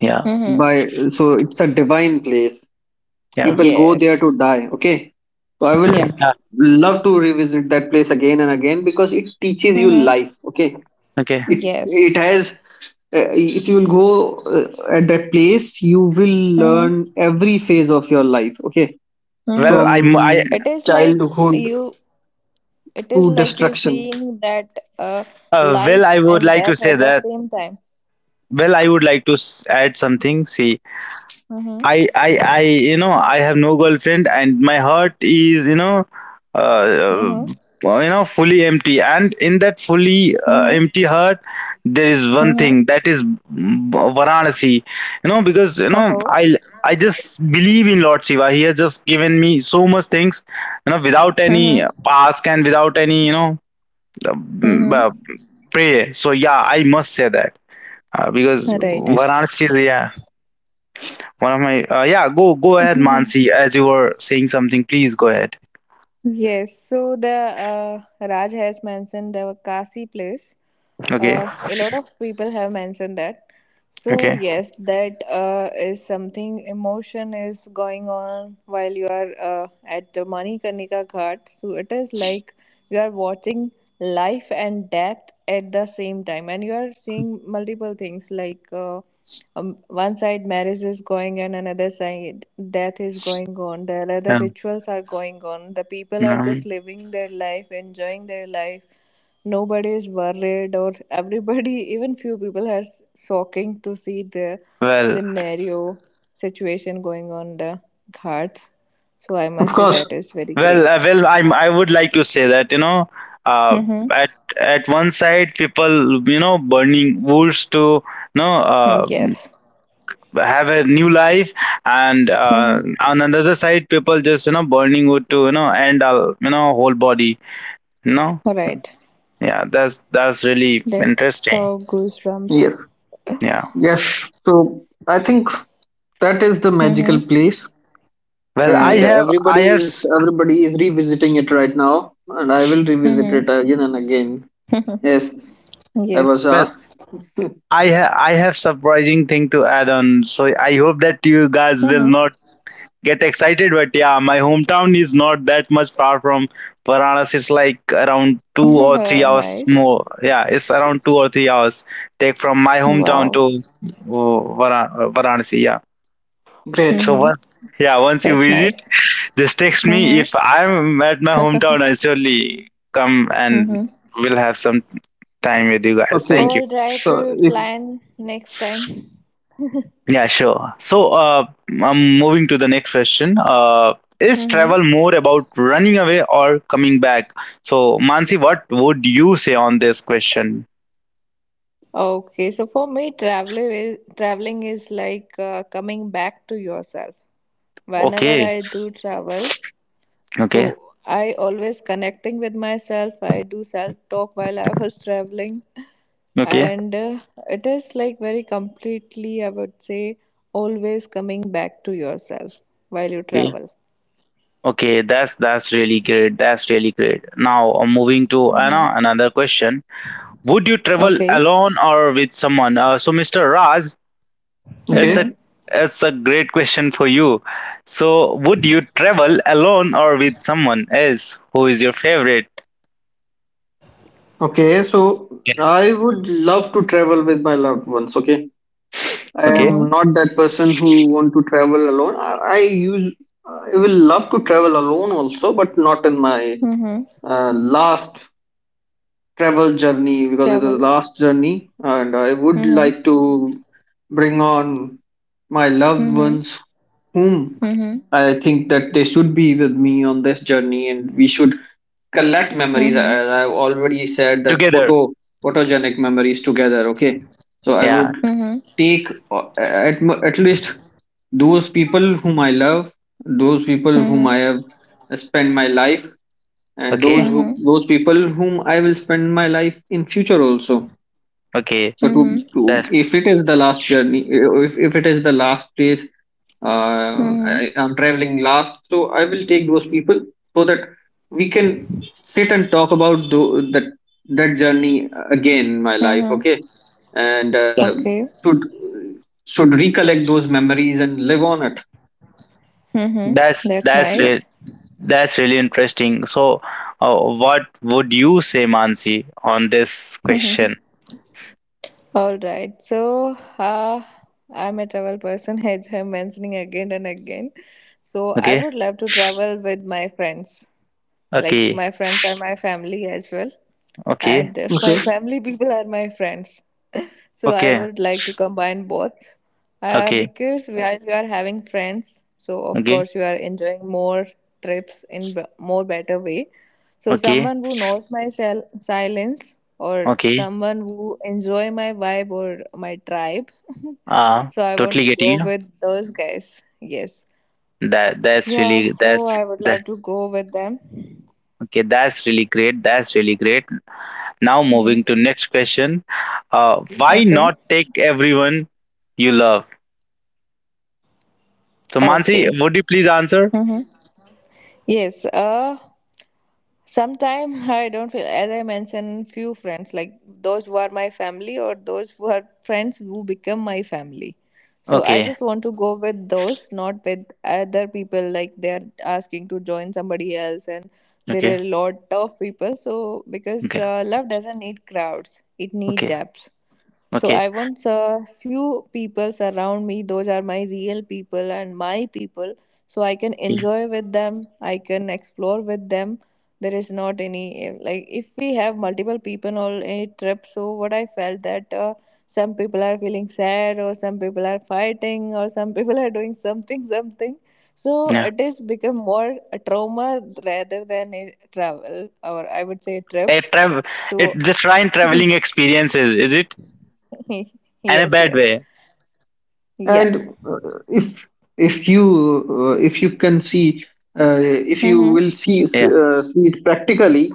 A: yeah,
C: Mm-hmm.
B: By so it's a divine place.
A: yeah.
B: People go there to
C: Yes.
B: die. Okay, so I
C: Yeah.
B: will
A: Yeah.
B: love to revisit that place again and again because it teaches you
C: Mm-hmm.
B: life. Okay,
A: Okay.
B: it
C: Yes.
B: has, if you will go at that place you will
C: Mm-hmm.
B: learn every phase of your life. Okay,
A: Well,
C: Mm-hmm.
A: I m- I
B: from
C: It is like
B: childhood
C: you. It is
B: to
C: like you
B: destruction.
C: seeing that
A: well,
C: life
A: I would
C: and
A: like to
C: death
A: say
C: at the
A: that.
C: same time.
A: Well, I would like to add something. See,
C: Mm-hmm.
A: I I, you know, I have no girlfriend, and my heart is, you know, uh,
C: Mm-hmm.
A: uh, you know, fully empty, and in that fully,
C: Mm-hmm.
A: empty heart there is one
C: Mm-hmm.
A: thing, that is, mm, Varanasi. You know because you
C: [LAUGHS]
A: know
C: Oh.
A: I just believe in Lord Shiva. He has just given me so much things without any
C: Mm-hmm.
A: past and without any
C: Mm-hmm.
A: pray. So yeah, I must say that because
C: Right.
B: Yes,
A: Varanasi is yeah one of my yeah go ahead Mansi
C: [LAUGHS]
A: as you were saying something please go ahead.
C: Yes, so the Raj has mentioned the Kasi place.
A: Okay,
C: A lot of people have mentioned that. So
A: okay.
C: yes, that is something emotion is going on while you are at the Manikarnika Ghat. So it is like you are watching life and death at the same time, and you are seeing multiple things like. One side marriage is going and another side death is going on. There are other
A: um,
C: rituals are going on. The people are just
A: um,
C: living their life, enjoying their life. Nobody is worried, or everybody, [LAUGHS] even few people, are shocking to see the
A: well
C: scenario situation going on the ghats. So I
B: of
C: must say that
B: course.
C: is very
A: well
C: great.
A: uh, well I would like to say that uh,
C: Mm-hmm.
A: at at one side people burning woods to you know uh,
C: Yes.
A: have a new life, and
C: Mm-hmm.
A: on another side people just burning wood to end all whole body. you know
C: Right.
A: yeah, that's really
C: That's
A: interesting.
C: so goosebumps.
B: Yes.
A: Yeah.
B: Yes, so I think that is the
C: Mm-hmm.
B: magical place,
A: Well i
B: and
A: have
C: Yes.
A: I have
B: everybody is revisiting it right now, and I will revisit it
C: Mm-hmm.
B: again and again. Yes, I was
C: Yes.
A: well
B: asked.
A: I ha- I have surprising thing to add on, so I hope that you guys will
C: Mm-hmm.
A: not get excited, but yeah, my hometown is not that much far from Varanasi. It's like around 2 or 3
C: [LAUGHS]
A: hours
C: nice.
A: more. Yeah, it's around 2 or 3 hours take from my hometown
C: Wow.
A: to Varanasi. Yeah.
B: [LAUGHS]
A: so
B: Great.
C: Mm-hmm.
A: once yeah once you
C: That's
A: visit,
C: nice.
A: just text me
C: Mm-hmm.
A: if I'm at my hometown. I surely come and
C: Mm-hmm.
A: we'll have some time with you guys.
B: Okay.
A: Thank you.
C: All right, we
B: So
C: will
B: if
C: plan next time. [LAUGHS]
A: Yeah, sure. So, I'm moving to the next question. Is
C: Mm-hmm.
A: travel more about running away or coming back? So, Mansi, what would you say on this question?
C: Okay, so for me, traveling is like coming back to yourself. Whenever
A: Okay,
C: I do travel,
A: okay,
C: so I always connecting with myself. I do self talk while I was traveling.
A: okay,
C: And it is like very completely, I would say, always coming back to yourself while you
A: okay,
C: travel.
A: okay. That's really great. That's really great. Now, moving to
C: Mm-hmm.
A: another question. Would you travel
C: Okay.
A: alone or with someone? Mr. Raj, it's a
C: Mm-hmm.
B: okay,
A: great question for you. So, would you travel alone or with someone else? Who is your favorite?
B: okay. So
A: Yeah.
B: I would love to travel with my loved ones. Okay, I
A: Okay.
C: Mm-hmm.
B: am not that person who want to travel alone. I will love to travel alone also, but not in my
C: Mm-hmm.
B: last travel journey because it's the
C: Travel.
B: last journey, and I would
C: Mm-hmm.
B: like to bring on my loved
C: Mm-hmm.
B: ones whom
C: Mm-hmm.
B: I think that they should be with me on this journey, and we should collect memories. As
C: Mm-hmm.
B: I've already said, that
A: Together.
B: photogenic memories together. Okay, so I
A: Yeah.
B: would
C: Mm-hmm.
B: take at at least those people whom I love, those people whom I
C: Mm-hmm.
B: have spent my life, and
A: Okay.
C: Mm-hmm.
B: those people whom I will spend my life in future also.
A: Okay.
B: So
C: Mm-hmm.
B: to
A: That's
B: if it is the last journey, if it is the last place,
C: Mm-hmm.
B: I'm traveling last, so I will take those people so that we can sit and talk about that that journey again in my life.
C: Mm-hmm.
B: Okay, and
A: that-
C: Okay.
B: should should recollect those memories and live on it.
C: Mm-hmm.
A: that's
C: That's
A: that's
B: Yeah.
A: real.
C: nice.
A: That's really interesting. So, what would you say, Mansi, on this question?
C: [LAUGHS] All right. So I'm a travel person, [LAUGHS] as I'm mentioning again and again. So I
A: Okay.
C: would love to travel with my friends. Like
A: Okay.
C: my friends are my family as well,
A: Okay.
C: and [LAUGHS] if my family people are my friends, [LAUGHS] so I
A: Okay.
C: would like to combine both
A: Okay.
C: because while you are having friends so of
A: Okay.
C: course you are enjoying more trips in more better way. So
A: Okay.
C: someone who knows my silence or
A: Okay.
C: someone who enjoy my vibe or my tribe. [LAUGHS]
A: Uh,
C: So I want
A: totally
C: to
A: getting
C: go
A: you.
C: with those guys, yes.
A: That that's
C: Yeah,
A: really
C: so
A: that's
C: I would love to go with them.
A: Okay, that's really great. That's really great. Now
C: [LAUGHS] hmm.
A: moving to next question. Why
C: Okay.
A: not take everyone you love? So Mansi,
C: Okay.
A: would you please answer?
C: Hmm. Yes, sometime [LAUGHS] I don't feel as I mentioned few friends like those who are my family or those who are friends who become my family. So I
A: Okay,
C: just want to go with those, not with other people like they are asking to join somebody else and there
A: okay,
C: are a lot of people. So because
A: okay,
C: love doesn't need crowds, it need
A: okay,
C: depth. So
A: okay,
C: I want a few people around me. Those are my real people and my people. So I can
A: okay.
C: enjoy with them. I can explore with them. There is not any like if we have multiple people on a trip. So what I felt that some people are feeling sad or some people are fighting or some people are doing something something. So
A: Yeah.
C: it is become more a trauma rather than a travel or I would say a trip.
A: A travel, it
C: So
A: just trying
C: [LAUGHS]
A: traveling experiences, is it? In a
C: yes,
A: bad
C: yes.
A: way.
C: Yeah.
B: And if if you can see, if you will
C: Mm-hmm.
B: see,
A: Yeah.
B: see it practically,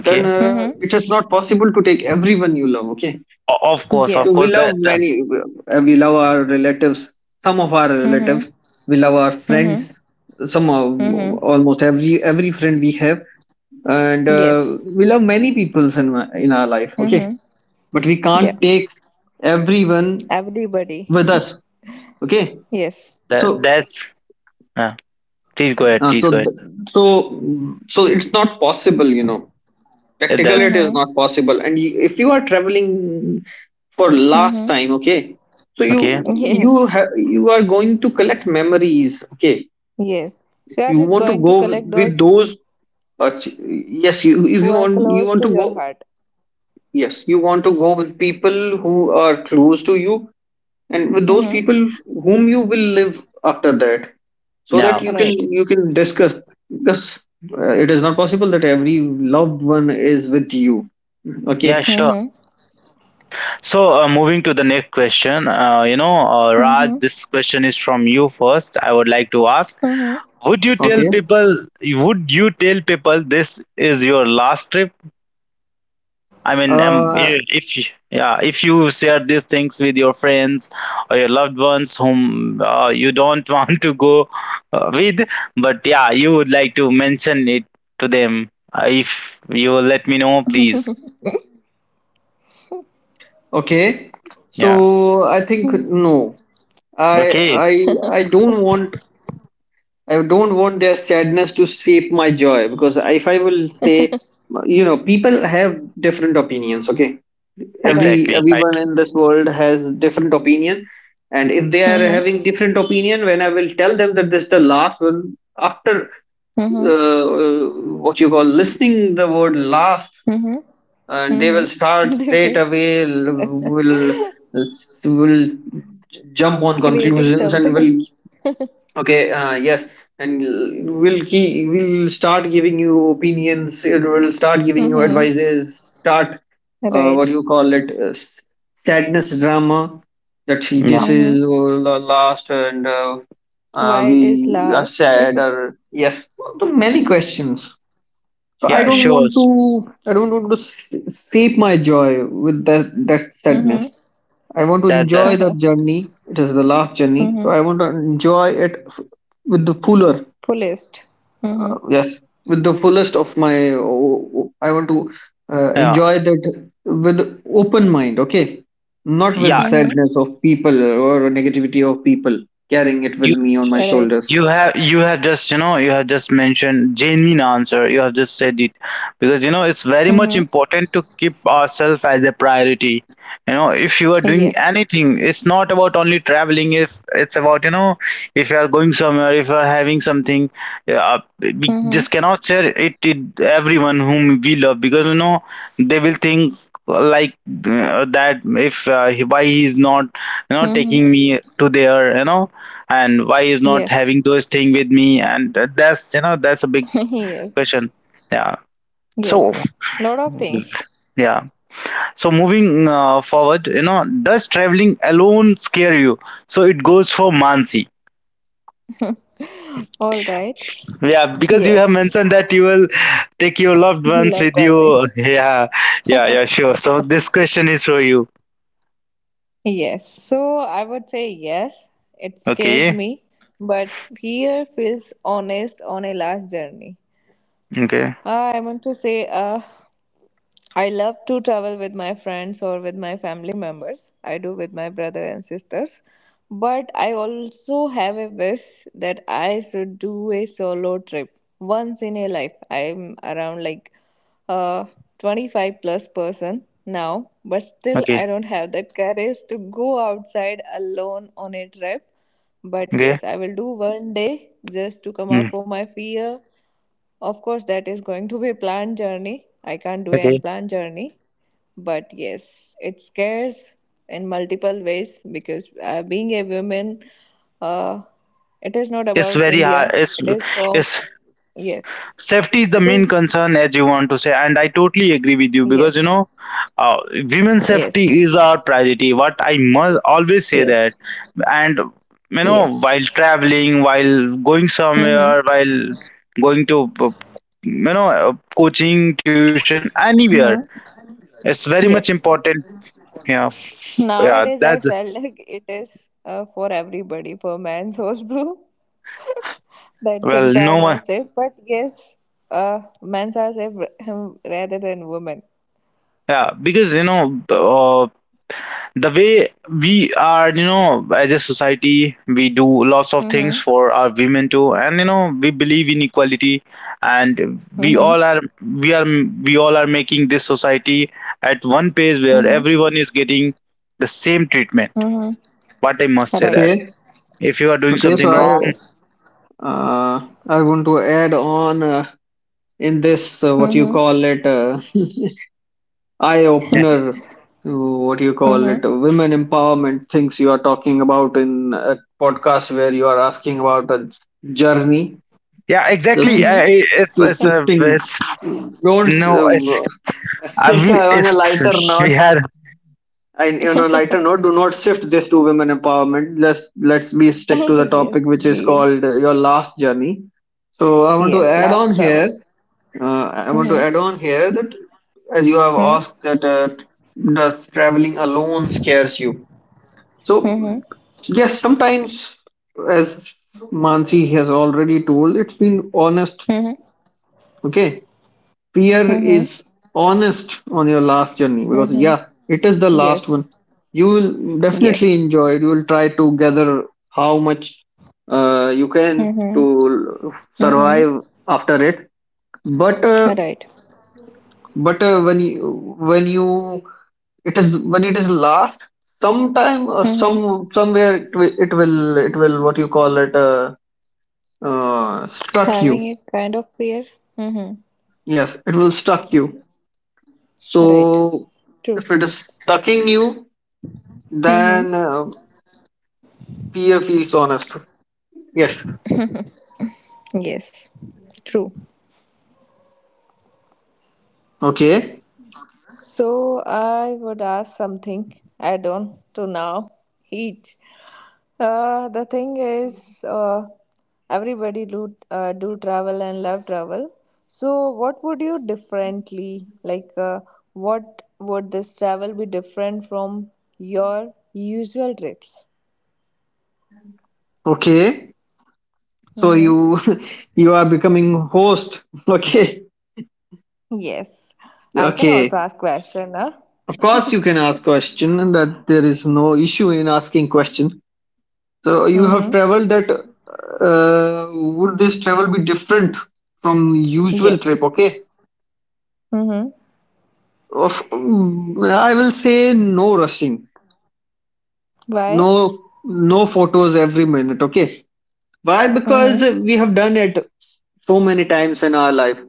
B: then
C: Mm-hmm.
B: it is not possible to take everyone you love. Okay,
A: Of course,
B: so
A: of
B: we
C: Yes.
A: course.
B: love
A: That that,
B: many. We love our relatives. Some of our
C: Mm-hmm.
B: relatives. We love our
C: Mm-hmm.
B: friends. Some of
C: Mm-hmm.
B: almost every friend we have, and
C: Yes.
B: we love many peoples in in our life. Okay,
C: Mm-hmm.
B: but we
C: Yeah.
B: can't take everyone
C: Everybody.
B: with
C: [LAUGHS]
B: us. Okay,
C: Yes.
A: that
B: so
A: that's. Uh, please go ahead.
B: Uh,
A: Please
B: so,
A: go ahead.
B: th- so, so it's not possible, you know.
A: Yeah,
B: Practically, it is
A: that's
C: Mm-hmm.
B: not possible. And if you are traveling for last
C: Mm-hmm.
B: time, okay, so
A: okay.
C: Yes.
B: you are going to collect memories, okay.
C: Yes. So you
B: You
C: are
B: want to
C: going to
B: go
C: collect
B: with
C: those
B: those. Yes, you if
C: who
B: you
C: are
B: want you
C: close
B: want
C: to
B: to
C: your
B: go.
C: heart.
B: Yes, you want to go with people who are close to you and with those
C: Mm-hmm.
B: people whom you will live after that so that
A: Now,
C: Right.
B: you can discuss, because it is not possible that every loved one is with you, okay.
A: yeah, sure.
C: Mm-hmm.
A: So, moving to the next question, Raj,
C: Mm-hmm.
A: this question is from you first. I would like to ask,
C: Mm-hmm.
A: would you tell
B: Okay,
A: people, would you tell people this is your last trip? I mean,
B: uh
A: if you share these things with your friends or your loved ones whom you don't [LAUGHS] want to go with, but yeah, you would like to mention it to them. If you will let me know, please.
B: okay. So
A: Yeah.
B: I think no, i
A: Okay.
B: i I don't want, I don't want their sadness to shape my joy, because if I will say, you know, people have different opinions. Okay, every
A: Exactly.
C: Right.
A: I,
B: everyone in this world has different opinion, and if they are having
C: Mm-hmm.
B: different opinion when I will tell them that this is the last one, after
C: Mm-hmm.
B: uh, what you call listening the word last,
C: Mm-hmm.
B: and they will
C: Mm-hmm.
B: start
C: [LAUGHS] They
B: straight
C: were
B: away will
C: [LAUGHS]
B: will jump on
C: creating
B: conclusions and will,
C: something.
B: okay, yes, and we'll key, we'll start giving you opinions. It will start giving you
C: Mm-hmm.
B: advices. Start, what do
C: Right.
B: you call it, sadness drama that she,
A: yeah.
B: this
C: Mm-hmm.
B: is all the last, and
C: Why it is
B: we are
C: last.
B: sad. Or yes, so many questions. So I
A: Yeah.
B: don't
C: [LAUGHS]
A: Sure.
B: want to, I don't want to sap my joy with that
C: Mm-hmm.
B: sadness. I want to
A: da,
B: enjoy
A: da,
B: the
C: [LAUGHS]
B: journey. It is the last journey. So
C: mm-hmm.
B: I want to enjoy it with the fuller,
C: Fullest. Mm-hmm.
B: yes, with the fullest of my. I want to
A: ja.
B: enjoy that with open mind. Okay, not with the
A: Ja,
C: Mm-hmm.
B: sadness of people or negativity of people carrying it with
A: You
B: me on my
C: Right.
B: shoulders.
A: you have just mentioned genuine answer. You have just said it because it's very much
C: Mm-hmm.
A: important to keep ourselves as a priority. If you are doing
C: Yes.
A: anything, it's not about only traveling. If it's about, if you are going somewhere, if you are having something, we
C: Mm-hmm.
A: just cannot share it to everyone whom we love because they will think like that if he- why he is not
C: Mm-hmm.
A: taking me to there and why is not
C: Yes.
A: having those thing with me and that's that's a big
C: [LAUGHS] yes.
A: question. Yeah so
C: Yes. Lot of things.
A: yeah. So moving forward, does traveling alone scare you? So it goes for Mansi.
C: All right.
A: Yeah, because you have
C: Yes.
A: mentioned that you will take your loved
C: [LAUGHS]
A: ones
C: Love
A: with you
C: traveling.
A: [LAUGHS]
C: [LAUGHS]
A: yeah, yeah, yeah, sure, so this question is for you.
C: Yes. So I would say yes. It scares
A: Okay,
C: me. But fear feels honest on a large journey.
A: okay,
C: Ah, I want to say, I love to travel with my friends or with my family members. I do with my brother and sisters. But I also have a wish that I should do a solo trip once in a life. I'm around like uh 25 plus person now, but still
A: okay,
C: I don't have that courage to go outside alone on a trip. But
A: okay.
C: yes, I will do one day just to come out
A: Mm.
C: from my fear of course, that is going to be a planned journey. I can't do an
A: Okay,
C: planned journey, but yes, it scares in multiple ways because being a woman, uh, it is not
A: it's
C: about
A: very hard.
C: India.
A: it's
C: It is from
A: it's
C: yes,
A: safety is the
C: it
A: main
C: is
A: concern, as you want to say, and I totally agree with you. Because
C: yes,
A: uh, women's safety
C: yes,
A: is our priority, what I must always say that.
C: yes,
A: And while
C: yes.
A: traveling, while going somewhere,
C: Mm-hmm.
A: while going to coaching tuition anywhere,
C: Mm-hmm.
A: it's very much
C: Yes.
A: important. Yeah. Yeah,
C: Nowadays, I
A: that's...
C: felt like it is for everybody, for men's also, [LAUGHS] that
A: Well,
C: things are
A: no
C: not
A: one.
C: safe. But yes, men's are safe, [LAUGHS] rather than women.
A: Yeah, because the way we are, as a society, we do lots of things
C: Mm-hmm.
A: for our women too, and we believe in equality, and we
C: Mm-hmm.
A: all are we are we all are making this society at one pace where
C: Mm-hmm.
A: everyone is getting the same treatment.
C: Mm-hmm.
A: But I must say that
C: Right.
B: Okay,
A: if you are doing
B: okay. So
A: something
C: Yes,
A: wrong...
C: yes.
B: uh, I want to add on in this, what you
C: Mm-hmm.
B: call it. Eye
A: Yeah,
B: opener, what do you call it,
C: Mm-hmm.
B: women empowerment things you are talking about in a podcast where you are asking about a journey.
A: yeah,
B: the
A: exactly.
B: shift
C: Mm-hmm.
A: It-
B: the
A: it's a
B: shifting,
A: it's
B: don't, [LAUGHS] on a lighter note, and on a lighter note, do not shift this to women empowerment. Let's be stick to
C: [LAUGHS]
B: the topic
C: yes,
B: which is
C: Bean.
B: called your last journey. So I want to
C: Yes,
B: add on
C: last
B: here,
C: travel.
B: I want to add
C: Mm-hmm.
B: on here that, as you have
C: Mm-hmm.
B: asked that, does traveling alone scares you? So
C: Mm-hmm.
B: yes, sometimes, as Mansi has already told, it's been honest.
C: Mm-hmm.
B: Okay, fear
C: Mm-hmm.
B: is honest on your last journey because
C: Mm-hmm.
B: yeah, it is the last
C: Yes.
B: one. You will definitely
C: Yes.
B: enjoy it, you will try to gather how much you can
C: Mm-hmm.
B: to
C: Mm-hmm.
B: survive after it. But
C: Right.
B: when you, it is when it is last, sometime or
C: Mm-hmm.
B: somewhere it will it will, what you call it, struck you.
C: Having a kind of fear? Mm-hmm.
B: Yes, it will struck you.
C: Right.
B: So
C: True.
B: if it is stucking you,
C: Mm-hmm.
B: then fear feels honest. Yes.
C: Yes. True.
B: Okay.
C: So I would ask something. I don't to now. Heat. The thing is, everybody do travel and love travel. So what would you differently like? What would this travel be different from your usual trips?
B: Okay. So
C: Mm-hmm.
B: you [LAUGHS] you are becoming host. [LAUGHS] Okay.
C: Yes, I can
B: Okay.
C: also ask question, huh?
B: Of course, you can ask question, and that there is no issue in asking question. So you have
C: Mm-hmm.
B: traveled that. Would this travel be different from usual trip?
C: Yes.
B: Okay.
C: Mm-hmm.
B: Of I will say no rushing,
C: Why?
B: no no photos every minute. Okay. Why? Because
C: Mm-hmm.
B: we have done it so many times in our life.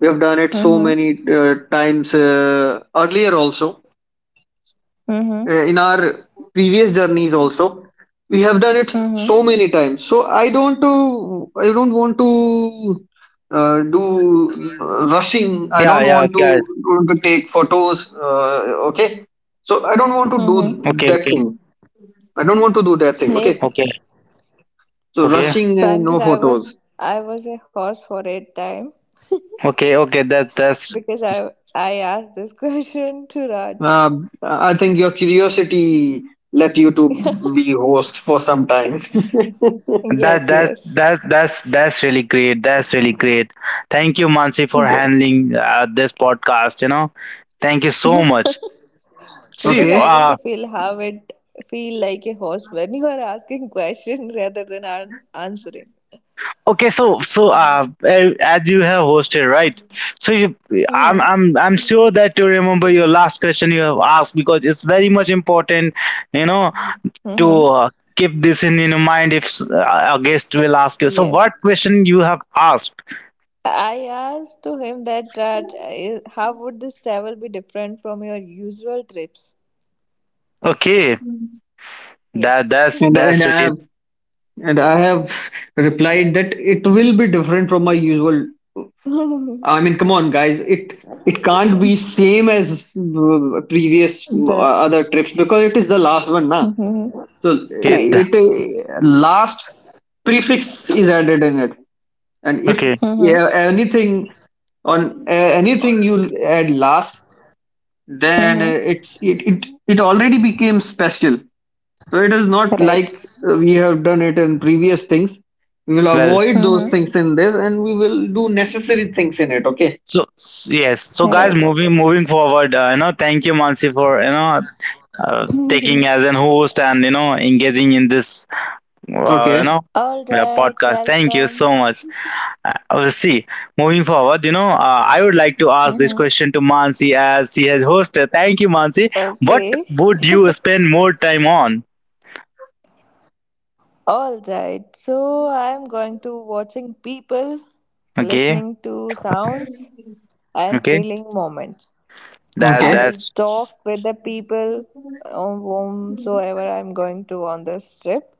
B: We have done it so
C: Mm-hmm.
B: many times earlier also.
C: Mm-hmm.
B: In our previous journeys also, we have done it so
C: Mm-hmm.
B: many times, so I don't, I don't want to do rushing. i
A: Yeah,
B: don't
A: yeah,
B: want to,
A: guys.
B: want to take photos, okay, so I don't want to do
C: Mm-hmm.
A: Okay,
B: that
A: okay,
B: thing, I don't want to do that thing, okay,
A: okay,
C: Yes.
B: so
A: okay,
B: rushing
C: So
B: and no
C: Ankit, I
B: photos.
C: was I was a horse for a time
A: okay, okay. That that's
C: because I asked this [LAUGHS] question to Raj.
B: uh, I think your curiosity let you to be host for some time.
A: that
C: Yes,
A: that
C: yes.
A: that that's really great. That's really great. Thank you, Mansi, for
C: Yes.
A: handling this podcast. Thank you so much.
B: [LAUGHS]
A: See,
C: Because I
B: Okay.
C: want to feel how it feel like a horse when you are asking question rather than an answering.
A: okay, so as you have hosted, right? So you, I'm
C: Mm-hmm.
A: I'm I'm sure that you remember your last question you have asked because it's very much important. You know,
C: Mm-hmm.
A: to keep this in your mind, if a guest will ask you, so
C: Yes.
A: what question you have asked.
C: I asked to him that how would this travel be different from your usual trips?
A: Okay, that
C: Yes.
A: that's
C: [LAUGHS]
B: and and
A: that's really
B: i have
A: it.
B: And I have replied that it will be different from my usual.
C: the
B: I mean, come on, guys. It can't be same as previous other trips because it is the last one, na.
C: Mhm.
B: So
A: okay
C: Right.
A: th-
B: it last prefix is added in it, and if
A: okay.
C: Mm-hmm.
B: yeah, anything on, anything you add last, then
C: Mm-hmm.
B: it's it already became special. So it is not like
C: Right.
B: we have done it in previous things. We will
A: Well,
B: avoid those
C: Mm-hmm.
B: things in this and we will do necessary things in it. Okay.
A: so yes, so guys,
C: Right.
A: moving forward, thank you, Mansi, for taking
C: [LAUGHS]
A: as an host, and engaging in this uh, you
B: Okay.
A: know
C: All right.
A: podcast. Thank you so
C: Welcome.
A: much. See, moving forward, I would like to ask this
C: Mm-hmm.
A: question to Mansi as she has hosted. Thank you, Mansi. What
C: Okay.
A: would you spend more time on?
C: All right. So I'm going to watching people,
A: Okay,
C: listening to sounds, and
A: okay,
C: feeling moments.
A: that
C: I
B: Okay.
C: will
A: that's
C: talk with the people whomsoever I'm going to on this trip.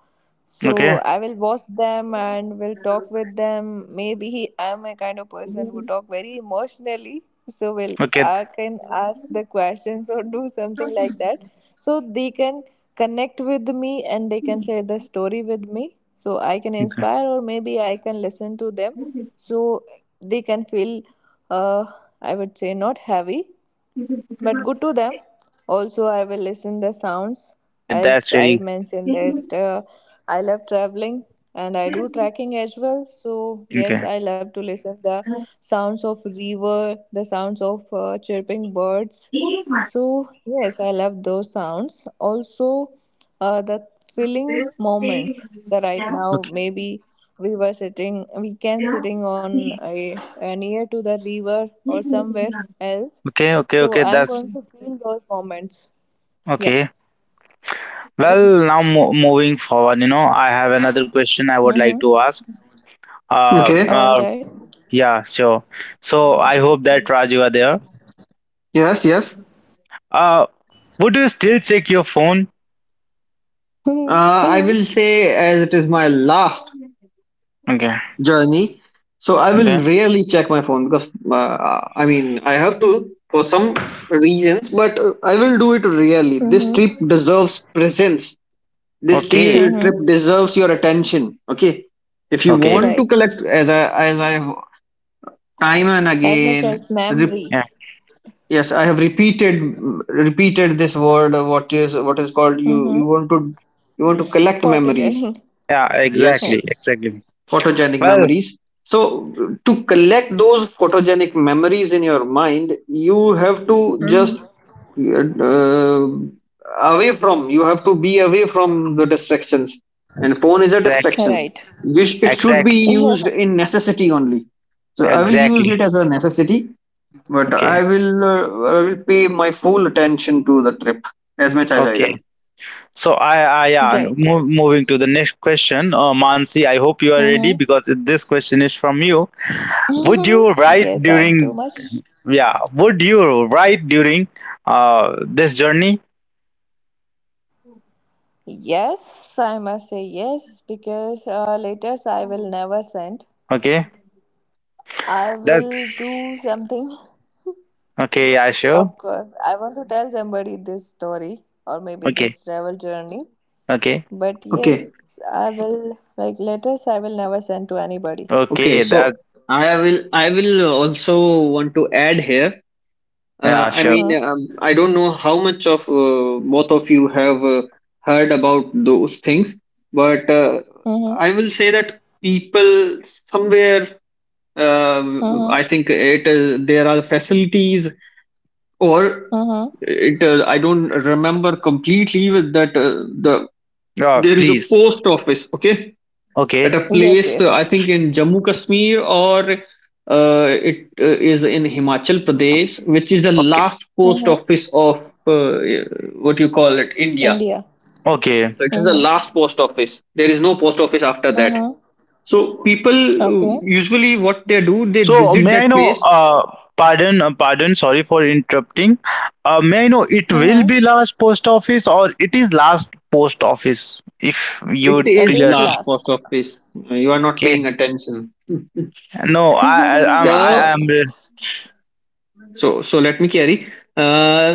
C: So
A: okay,
C: I will watch them and will talk with them. Maybe I'm a kind of person who talk very emotionally. So will
A: okay,
C: I can ask the questions or do something like that. So they can connect with me and they can share the story with me. So I can
A: okay,
C: inspire or maybe I can listen to them. So they can feel, uh, I would say, not heavy
A: okay.
C: but good to them also. I
A: Well,
C: will
A: that
C: listen
A: that's
C: the
A: that's
C: sounds,
A: really great. That's
C: as
A: really.
C: I mentioned that I love traveling and I do trekking as well. So yes,
A: Okay,
C: I love to listen the sounds of river, the sounds of chirping birds. So yes, I love those sounds also. The filling moments, the right now
A: okay,
C: maybe we were sitting, we can sitting on near to the river or somewhere else.
A: okay, okay,
C: So
A: okay.
C: I'm going
A: That's
C: to feel those moments. Yeah.
A: okay. Well, now moving forward, I have another question I would like
C: Mm-hmm.
A: to ask. Uh,
B: Okay.
C: All
A: uh
C: right.
A: yeah, sure. So I hope that Raj, you are there.
B: Yes. Yes.
A: Uh, would you still check your phone?
B: I
C: Mm-hmm.
B: will say as it is my last
A: Okay,
B: journey. So I will
A: okay,
B: rarely check my phone, because I mean, I have to for some reasons, but I will do it rarely. This trip
C: Mm-hmm.
B: deserves presence.
A: okay,
C: Mm-hmm.
B: Trip deserves your attention. Okay, if you
A: okay.
B: want to
C: Right.
B: collect, as I time and
C: As much
B: again,
C: as memory.
A: Yeah,
B: yes, I have repeated repeated this word, what is called,
C: Mm-hmm.
B: you want to, you want to collect memories,
C: Photogenic.
A: yeah,
B: yes,
C: Yeah.
A: exactly, exactly.
B: photogenic
A: Well,
B: memories. So to collect those photogenic memories in your mind, you have to just, uh, away from you have to be away from the distractions, and phone is a
A: exactly,
B: distraction.
C: Right.
B: It should be
A: exactly,
C: Yeah.
B: used in necessity only, so I will use it
A: exactly.
B: as a necessity, but
A: Okay,
B: I will, I will pay my full attention to the trip as much as I
A: okay.
B: can.
A: So I yeah.
C: Right.
A: Moving to the next question, Mansi. I hope you are ready
C: Mm-hmm.
A: because this question is from you. Would you
C: [LAUGHS]
A: write
C: yes, I'm too
A: during?
C: much.
A: Yeah, would you write during this journey?
C: Yes, I must say yes because letters I will never send.
A: Okay,
C: I
A: that.
C: will do something.
A: Okay, yeah, sure.
C: Of course, I want to tell somebody this story or maybe
A: Okay,
C: this travel journey.
A: okay,
C: But yes,
B: Okay,
C: I will, like, letters I will never send to anybody.
B: okay.
A: okay. That.
B: So I will also want to add here.
A: Yeah,
B: I
A: sure.
B: mean,
C: Mm-hmm.
B: I don't know how much of both of you have heard about those things, but
C: Mm-hmm.
B: I will say that people somewhere. Uh,
C: Mm-hmm.
B: I think it is there are facilities or
C: Mm-hmm.
B: it. I don't remember completely with that the
A: Yeah,
B: there is a
A: please.
B: post office, okay,
A: Okay,
B: at a
C: Yes,
B: place,
C: yes.
B: I think in Jammu Kashmir or it is in Himachal Pradesh, which is the
A: okay,
B: last post
C: Mm-hmm.
B: office of uh, what you call it India.
C: India.
A: okay.
B: So it is the
C: Mm-hmm.
B: last post office. There is no post office after that.
C: Mm-hmm.
B: So people uh,
C: Okay.
B: usually, what they do, they
A: So
B: visit
A: may I
B: that
A: know,
B: place.
A: pardon, pardon, sorry for interrupting. May I know, it will be
C: Mm-hmm.
A: last post office, or it is last post office? If you
B: It
A: would
C: That
B: is
A: clear,
C: is
A: please.
B: last post
C: last.
B: office. You are not
A: Okay.
B: paying attention.
A: No,
C: [LAUGHS]
A: I
B: so
C: mm-hmm.
A: am.
B: so so let me carry. Uh,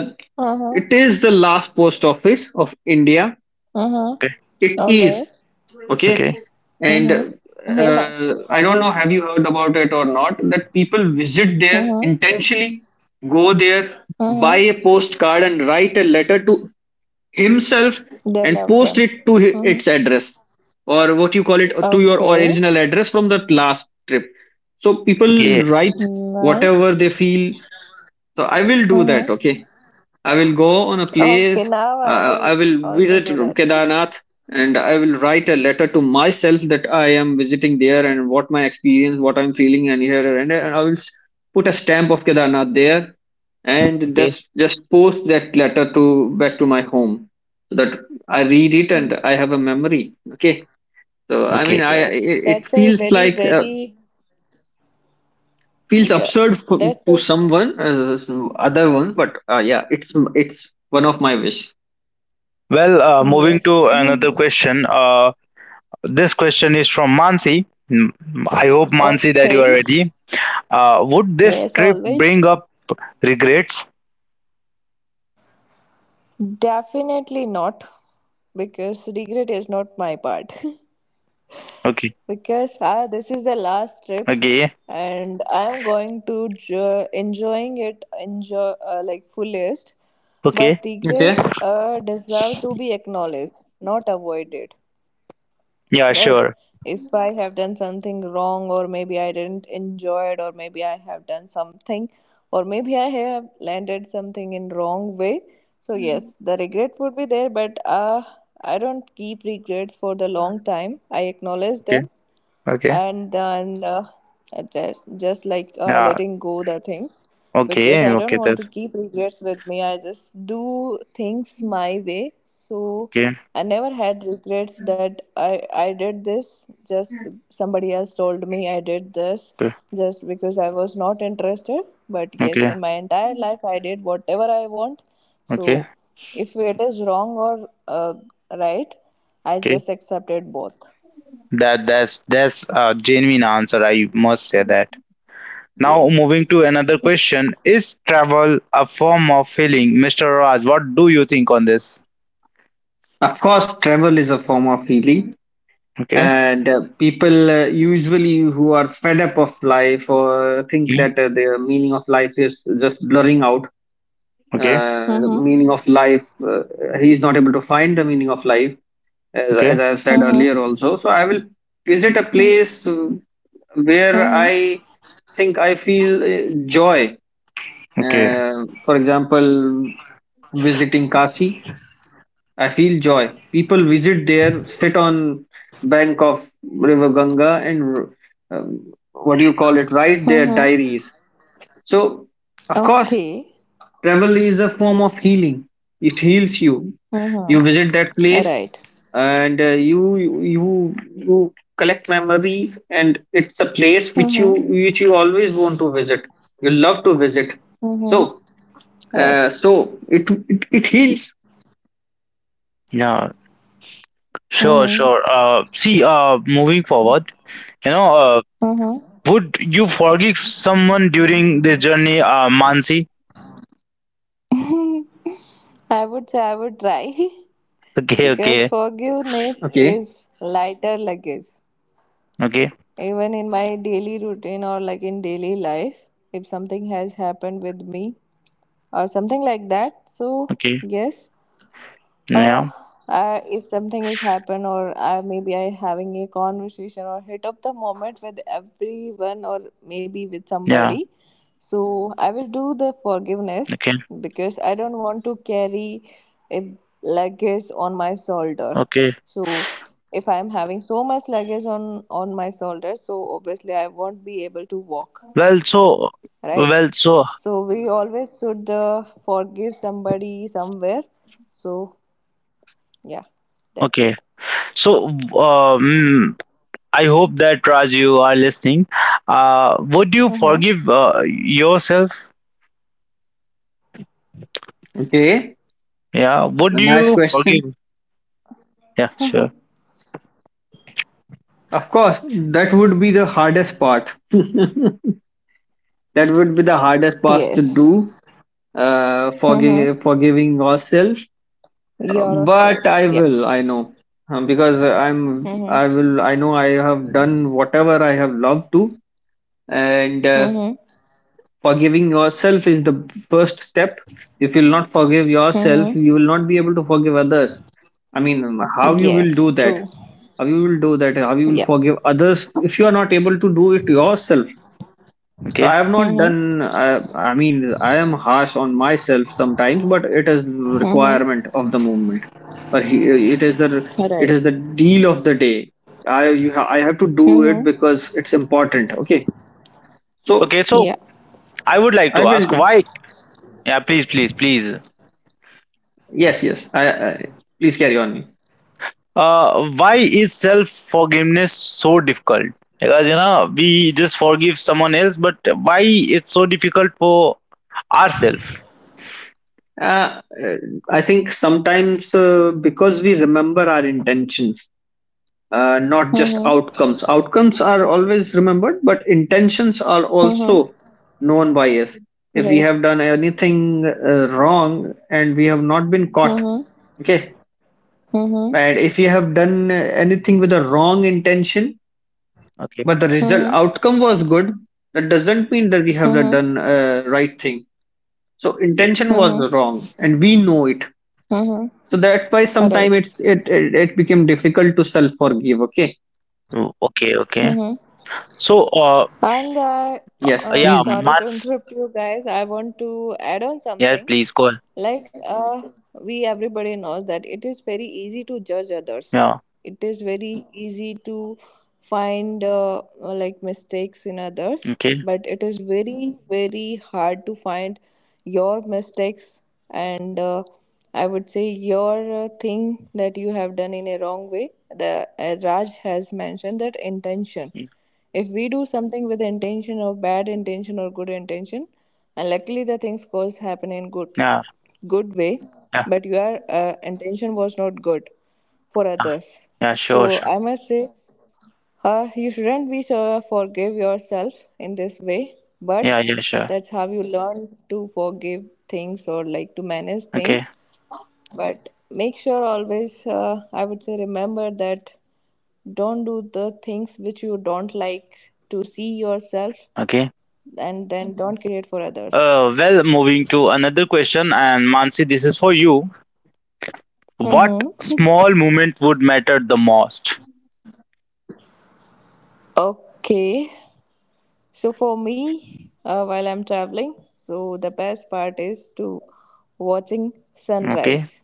B: It is the last post office of India.
C: Mm-hmm.
A: Okay,
B: It
C: All right.
B: is okay,
A: okay,
B: and
C: Mm-hmm. Yeah.
B: I don't know. Have you heard about it or not? That people visit there
C: Mm-hmm.
B: intentionally, go there, buy
C: Mm-hmm.
B: a postcard, and write a letter to himself
C: Their
B: and
C: loved
B: post
C: one.
B: it to
C: Mm-hmm.
B: its address or, what you call it, to your
C: Okay.
B: original address from that last trip. So
A: okay,
B: people write whatever
C: Nice.
B: they feel. So I will do that.
C: Mm-hmm.
B: Okay, I will go on a
C: Okay,
B: place.
C: now I will
B: I will
C: also
B: visit
C: do that.
B: Kedarnath, and I will write a letter to myself that I am visiting there and what my experience, what I'm feeling, and here and there. And I will s- Put a stamp of Kedarnath there and
A: okay,
B: just post that letter to back to my home, so that I read it
C: Mm.
B: and I have a memory. Okay, so I mean,
A: okay.
B: I
C: Yes,
B: it
C: that's a
B: feels
C: very,
B: like.
C: very,
B: Feels
C: yeah,
B: absurd for,
C: that's
B: to
C: a,
B: someone, other one, but yeah, it's one of my wish.
A: Well, moving
C: yes.
A: to another
C: [LAUGHS]
A: question. This question is from Mansi. Mm, I hope, Mansi, that you
C: Okay.
A: are ready. Would this
C: Yes,
A: trip bring
C: always.
A: up regrets?
C: Definitely not, because regret is not my part. [LAUGHS]
A: Okay.
C: Because I, this is the last trip
A: Okay.
C: and I am going to enjoying it, enjoy, like, fullest, but
A: Okay.
C: regret,
B: Okay.
C: deserve to be acknowledged, not avoided,
A: Yeah,
C: right?
A: sure.
C: If I have done something wrong or maybe I didn't enjoy it or maybe I have done something or maybe I have landed something in wrong way, so yes, the regret would be there, but I don't keep regrets for the long time. I acknowledge
A: Okay.
C: them
A: Okay.
C: and then, just like,
A: Yeah.
C: letting go the things, because
A: Okay.
C: I don't
A: Okay.
C: want to
A: That's
C: keep regrets with me. I just do things my way, so
A: okay.
C: I never had regrets that I did this just somebody else told me I did this
A: Okay.
C: just because I was not interested. But yes,
A: Okay.
C: in my entire life, I did whatever I want.
A: Okay.
C: So if it is wrong or, right, I
A: Okay.
C: just accepted both.
A: That's a genuine answer. I must say that. Now moving to
C: Yes.
A: another question. Is travel a form of healing? Mr. Raj, what do you think on this?
B: Of course, travel is a form of healing,
A: Okay.
B: and people usually who are fed up of life or think
A: Okay.
B: that their meaning of life is just blurring out.
A: Okay.
B: The
C: Mm-hmm.
B: meaning of life, He is not able to find the meaning of life, as,
A: Okay.
B: as I have said
C: Mm-hmm.
B: earlier also. So I will visit a place where
C: Mm-hmm.
B: I think I feel joy.
A: Okay.
B: For example, visiting Kasi, I feel joy. People visit there, sit on bank of River Ganga, and what do you call it? Write their
C: Mm-hmm.
B: diaries. So, of course,
C: Okay.
B: travel is a form of healing. It heals you. You
C: Mm-hmm.
B: visit that place,
C: Right.
B: and you collect memories, and it's a place which you
C: Mm-hmm.
B: which you always want to visit. You love to visit.
C: Mm-hmm.
B: So,
C: Right.
B: so it heals.
A: Yeah. Sure,
C: Mm-hmm.
A: sure. See, moving forward, you know, uh would you forgive someone during this journey, Mansi?
C: Mm-hmm. [LAUGHS] I would say I would try [LAUGHS]
A: Okay,
C: because
A: okay,
C: forgiveness
B: Okay,
C: is lighter luggage.
A: okay,
C: Even in my daily routine or like in daily life, if something has happened with me or something like that, so
A: okay.
C: yes, Uh,
A: Yeah,
C: if something has happened, or I maybe I having a conversation or hit up the moment with everyone, or maybe with
A: yeah,
C: somebody, so I will do the forgiveness
A: okay,
C: because I don't want to carry a luggage on my shoulder.
A: okay.
C: So if I am having so much luggage on my shoulder, so obviously I won't be able to walk,
A: Well, so,
C: right?
A: well, so,
C: So we always should, forgive somebody somewhere. So yeah, that's
A: okay.
C: it.
A: So, um, I hope that Raj, you are listening. Would you
C: Mm-hmm.
A: forgive yourself?
B: okay.
A: Yeah, would
B: A
A: you
B: nice
A: forgive?
B: question.
A: Yeah, sure.
B: Of course, that would be the hardest part. That would be the hardest part to do.
C: Yes. Mm-hmm.
B: Forgiving ourselves.
C: Yourself.
B: But I
C: Yeah.
B: will. I know because I'm. I
C: Mm-hmm.
B: will. I know I have done whatever I have loved to, and
C: Mm-hmm.
B: forgiving yourself is the first step. If you'll not forgive
C: Mm-hmm.
B: yourself, you will not be able to forgive others. I mean, how you will do
C: Yes,
B: that.
C: true.
B: How you will do that, how you will
C: Yeah.
B: forgive others if you are not able to do it yourself? So
A: Okay,
B: I have not
C: Mm-hmm.
B: done. i, I mean, I am harsh on myself sometimes, but it is
C: Mm-hmm.
B: requirement of the movement, or he, it is the, it
C: Right.
B: is the deal of the day. I have to do it
C: Mm-hmm.
B: because it's important, okay. So
A: okay. So,
C: Yeah.
A: I would like
B: I
A: to
B: will
A: ask
B: do.
A: why. Yeah, please, please, please.
B: Yes, yes. I, please carry on.
A: Why is self forgiveness so difficult? Because we just forgive someone else, but why it's so difficult for ourselves?
B: Uh, uh, I think sometimes, because we remember our intentions, not just
C: Mm-hmm.
B: outcomes. Outcomes are always remembered, but intentions are also
C: Mm-hmm.
B: known by us. If we
C: Right.
B: have done anything wrong and we have not been caught,
C: Mm-hmm.
B: okay,
C: Mm-hmm.
B: and if we have done anything with a wrong intention,
A: Okay,
B: but the result
C: Mm-hmm.
B: outcome was good, that doesn't mean that we have done
C: Mm-hmm.
B: right thing. So
A: okay.
B: intention
C: Mm-hmm.
B: was wrong and we know it.
C: Mm-hmm.
B: So that's why sometimes
C: Right.
B: it's it, it it became difficult to self forgive, okay.
A: Mm, okay, okay.
C: Mm-hmm.
A: So,
C: And I,
B: Yes,
A: yeah,
B: please.
C: sorry to
A: months.
C: interrupt you guys. I want to add on
A: Yeah,
C: something.
A: please go ahead.
C: Like, we everybody knows that it is very easy to judge others.
A: Yeah,
C: It is very easy to find, like, mistakes in others,
A: okay.
C: but it is very, very hard to find your mistakes, and, I would say, your, thing that you have done in a wrong way. The, Raj has mentioned that intention,
A: Mm.
C: if we do something with intention or bad intention or good intention, and luckily the things goes happen in good
A: Yeah,
C: good way,
A: yeah,
C: but your, intention was not good for
A: yeah,
C: others.
A: yeah.
C: So
A: Sure, sure.
C: I must say, you shouldn't be so forgive yourself in this way,
A: Yeah,
C: but
A: yeah, sure.
C: that's how you learn to forgive things or, like, to manage
A: Okay,
C: things. But make sure always, I would say, remember that don't do the things which you don't like to see yourself,
A: okay.
C: and then don't create for others.
A: Well, moving to another question, and Mansi, this is for you. What
C: Mm-hmm. [LAUGHS]
A: small movement would matter the most?
C: Okay. So for me, while I'm traveling, so the best part is to watching
A: Okay.
C: sunrise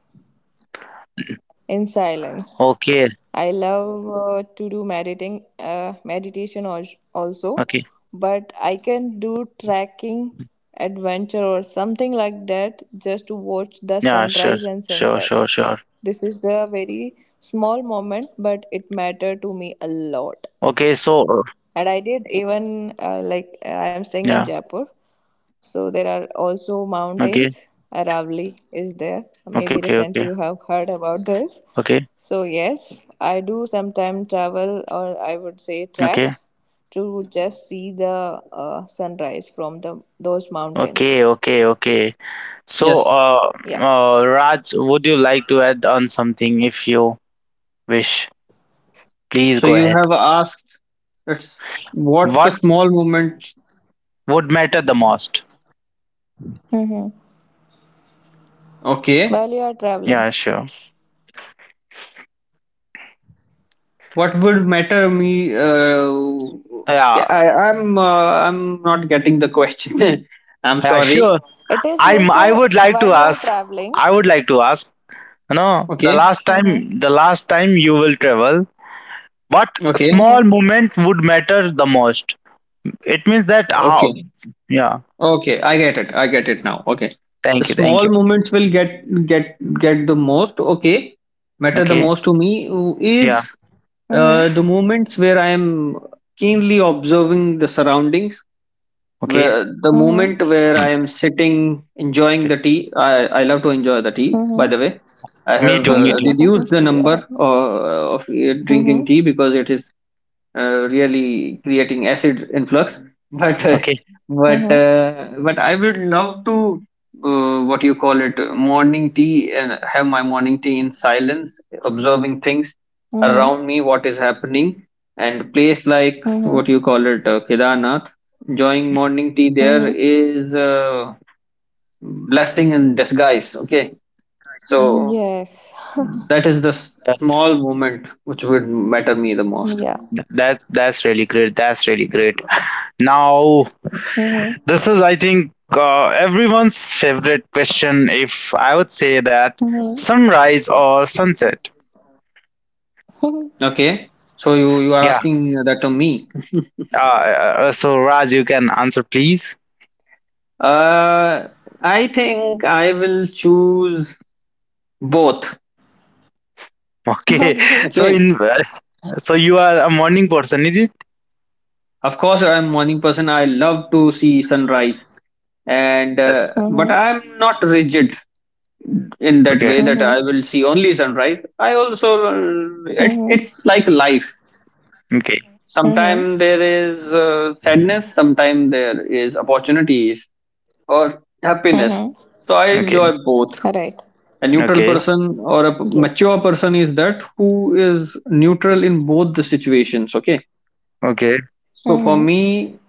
C: in silence.
A: Okay.
C: I love, to do meditation also,
A: Okay.
C: but I can do trekking, adventure, or something like that just to watch the
A: Yeah, sure.
C: sunrise and
A: Sure, sure,
C: sunsets.
A: sure.
C: This is a very small moment, but it mattered to me a lot.
A: Okay, so
C: And I did even, like, I'm staying in
A: yeah.
C: Jaipur, so there are also
A: Okay.
C: mountains. Aravali is there.
A: Okay, okay,
C: Maybe
A: okay.
C: recently you have heard about this.
A: Okay.
C: So yes, I do sometimes travel, or I would say trek,
A: Okay.
C: to just see the, sunrise from the those mountains.
A: Okay, okay, okay. So,
B: Yes.
C: Yeah.
A: Raj, would you like to add on something if you wish? Please
B: So
A: go
B: you
A: ahead.
B: have asked, it's, what's the
A: What
B: small moment,
A: would matter the most?
C: Mm-hmm.
B: okay,
C: While you are traveling,
A: Yeah, sure.
B: what would matter me,
A: Yeah,
B: I'm not getting the question. [LAUGHS] I'm
A: yeah,
B: sorry.
A: sure.
C: it is like
A: I
C: a,
A: would like
C: while
A: to
C: you are
A: ask,
C: traveling.
A: I would like to ask, the
B: Okay,
A: last
C: Mm-hmm.
A: time, you will travel, what
B: okay,
C: Mm-hmm.
A: small moment would matter the most? It means that how.
B: okay.
A: Yeah,
B: Okay, I get it. I get it now. Okay. The
A: thank you, thank
B: small
A: you.
B: movements will get the most. Okay. Matter the
A: Okay.
B: most to me
A: Yeah.
B: is the moments where I am keenly observing the surroundings.
A: Okay,
B: Where the
C: Mm-hmm.
B: moment where I am sitting enjoying
A: okay.
B: the tea. I love to enjoy the tea. By the
C: Mm-hmm.
B: way, I
A: Me
B: have
A: too, me too.
B: reduced the
C: Mm-hmm. [LAUGHS] yeah.
B: number of drinking
C: Mm-hmm.
B: tea because it is really creating acid influx [LAUGHS] but uh,
A: Okay,
C: Mm-hmm.
B: but I would love to, what you call it morning tea, and have my morning tea in silence observing things
C: Mm-hmm.
B: around me, what is happening, and place like,
C: Mm-hmm.
B: what you call it, Kedarnath. Enjoying morning tea there
C: Mm-hmm.
B: is blessing in disguise, okay. So
C: Yes.
B: that is
A: that's
B: small moment which would matter me the most.
C: Yeah.
A: that's really great. That's really great. Now,
C: Mm-hmm.
A: this is, I think, everyone's favorite question if I would say that.
C: Mm-hmm.
A: Sunrise or sunset?
C: [LAUGHS]
B: Okay. So you are
A: Yeah.
B: asking that to me.
A: So Raj, you can answer, please.
B: Uh, I think I will choose both.
A: Okay. [LAUGHS]
C: okay.
A: So
B: Okay.
A: in... So you are a morning person, is it?
B: Of course, I'm morning person. I love to see sunrise, and
A: Yes.
C: Mm-hmm.
B: but I'm not rigid in that
A: Okay,
B: way that I
C: Mm-hmm.
B: will see only sunrise. I also, uh, it,
C: Mm-hmm.
B: it's like life.
A: okay,
C: Mm-hmm.
B: Sometimes there is sadness. Sometimes there is opportunities or happiness.
C: Mm-hmm.
B: So I
A: okay,
B: enjoy both.
C: Right.
B: A neutral
A: okay,
B: person or a
C: Yes.
B: mature person is that who is neutral in both the situations, okay.
A: okay.
B: So for
C: Mm-hmm.
B: me,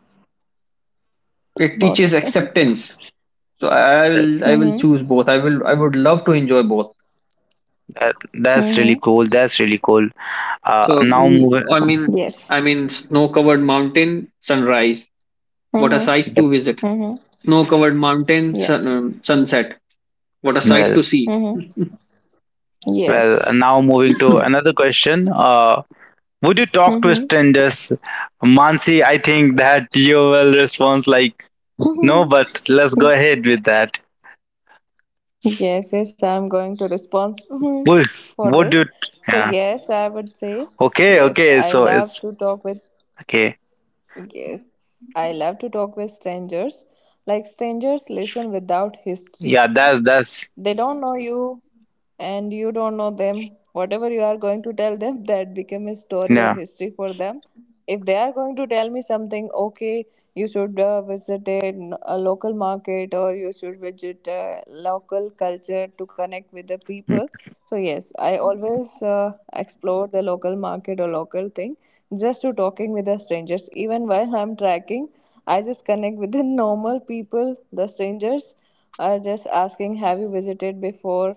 B: it teaches
C: Both. [LAUGHS]
B: acceptance. I will choose
C: mm-hmm.
B: both. I would love to enjoy both.
A: That's really
C: Mm-hmm.
A: cool. That's really cool. Uh,
B: So,
A: now moving,
B: i mean I
C: Yes.
B: mean, snow covered mountain sunrise, what a
C: Mm-hmm.
B: sight to visit.
C: Mm-hmm.
B: Snow covered mountain
C: Yeah.
B: sunset, what a sight
A: well,
B: to see.
C: Mm-hmm.
A: well,
C: Yes.
A: now moving to
B: [LAUGHS]
A: another question. Would you talk to
C: Mm-hmm.
A: strangers? Mansi, I think that you will respond like no, but
C: [LAUGHS]
A: let's go ahead with that.
C: yes, yes, I'm going to respond [LAUGHS]
A: Would
C: for
A: would
C: this.
A: you?
C: So,
A: Yeah.
C: yes, I would say,
A: Okay.
C: yes,
A: Okay.
C: I
A: So
C: love
A: it's
C: to talk with
A: okay.
C: Yes, I love to talk with strangers. Like, strangers listen without history.
A: Yeah. That's
C: They don't know you and you don't know them. Whatever you are going to tell them, [LAUGHS] that become a story or
A: yeah.
C: history for them. If they are going to tell me something, okay, you should, visit a local market, or you should visit a local culture to connect with the people.
A: [LAUGHS]
C: So yes, I always, explore the local market or local thing just to talking with the strangers. Even while I'm tracking, I just connect with the [LAUGHS] normal people, the strangers. I was just asking, have you visited before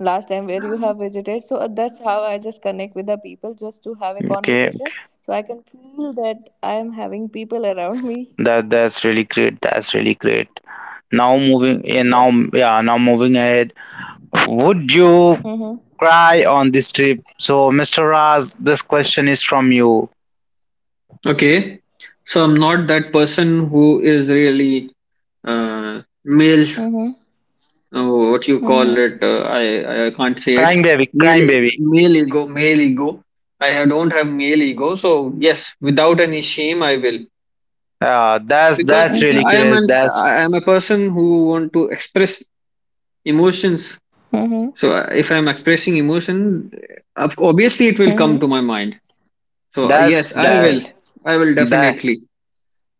C: last time? Where you have visited? So, that's how I just connect with the people just to have a
A: Okay.
C: conversation.
A: Okay.
C: So I can feel that I am having people around me.
A: That's really great. That's really great. Now moving. Yeah. Now
C: Yes.
A: yeah. Now moving ahead. Would you
C: Mm-hmm.
A: cry on this trip? So, Mr. Raz, this question is from you.
B: Okay, so I'm not that person who is really, uh, male,
C: Mm-hmm.
B: oh, what you call
C: Mm-hmm.
B: it? I can't say it.
A: Crying baby,
B: Male,
A: crying baby.
B: male ego. I have, don't have male ego, so yes, without any shame, I will,
A: Uh, that's
B: because
A: that's really
C: Mm-hmm.
B: I am
A: great.
B: an, I am a person who want to express emotions.
C: Mm-hmm.
B: So if I am expressing emotion, of- obviously it will come
C: Mm-hmm.
B: to my mind. So yes, I will.
C: Right.
A: That's
B: I will
A: that
B: definitely.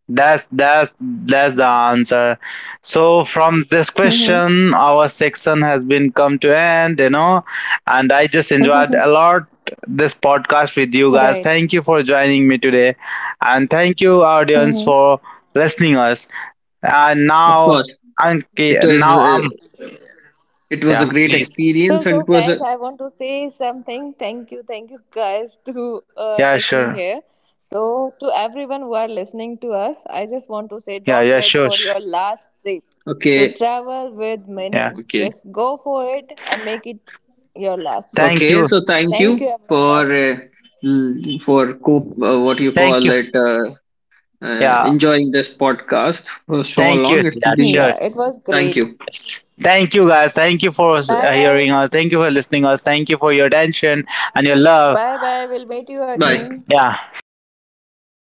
A: that's the answer. So from this
C: Mm-hmm.
A: question, our section has been come to end, and I just enjoyed a
C: [LAUGHS]
A: lot this podcast with you guys.
C: Right.
A: Thank you for joining me today, and thank you audience
C: Mm-hmm.
A: for listening us. Uh,
B: Of
A: now,
B: course,
A: okay,
B: it was
A: now
B: uh, it was a
A: yeah,
B: great
A: please.
C: So,
B: experience, and
C: so
B: it was
C: guys,
B: a
C: I want to say something. Thank you guys to,
A: Yeah,
C: take me
A: sure.
C: here. So, to everyone who are listening to us, I just want to say
A: Yeah,
C: don't
A: yeah,
C: wait
A: sure,
C: for
A: sure.
C: your last trip to
B: okay.
C: travel with
A: Yeah.
C: meaning.
B: Okay.
C: Just go for it and make it your last trip.
A: Thank
B: Okay,
A: you.
B: so thank you
C: Thank you,
B: for
C: everyone.
B: l- for co- what you
A: Thank
B: call
A: you.
B: it
A: Yeah.
B: enjoying this podcast for so
A: Thank you.
B: long. It's
A: Yeah,
B: been
A: sure.
C: Yeah, it was
B: thank
C: great.
B: you.
A: Yes. Thank you, guys. Thank you for
C: Bye bye.
A: hearing us. Thank you for listening us. Thank you for your attention and your love.
C: Bye bye. We'll meet you
B: Bye.
C: again.
A: Yeah. Now,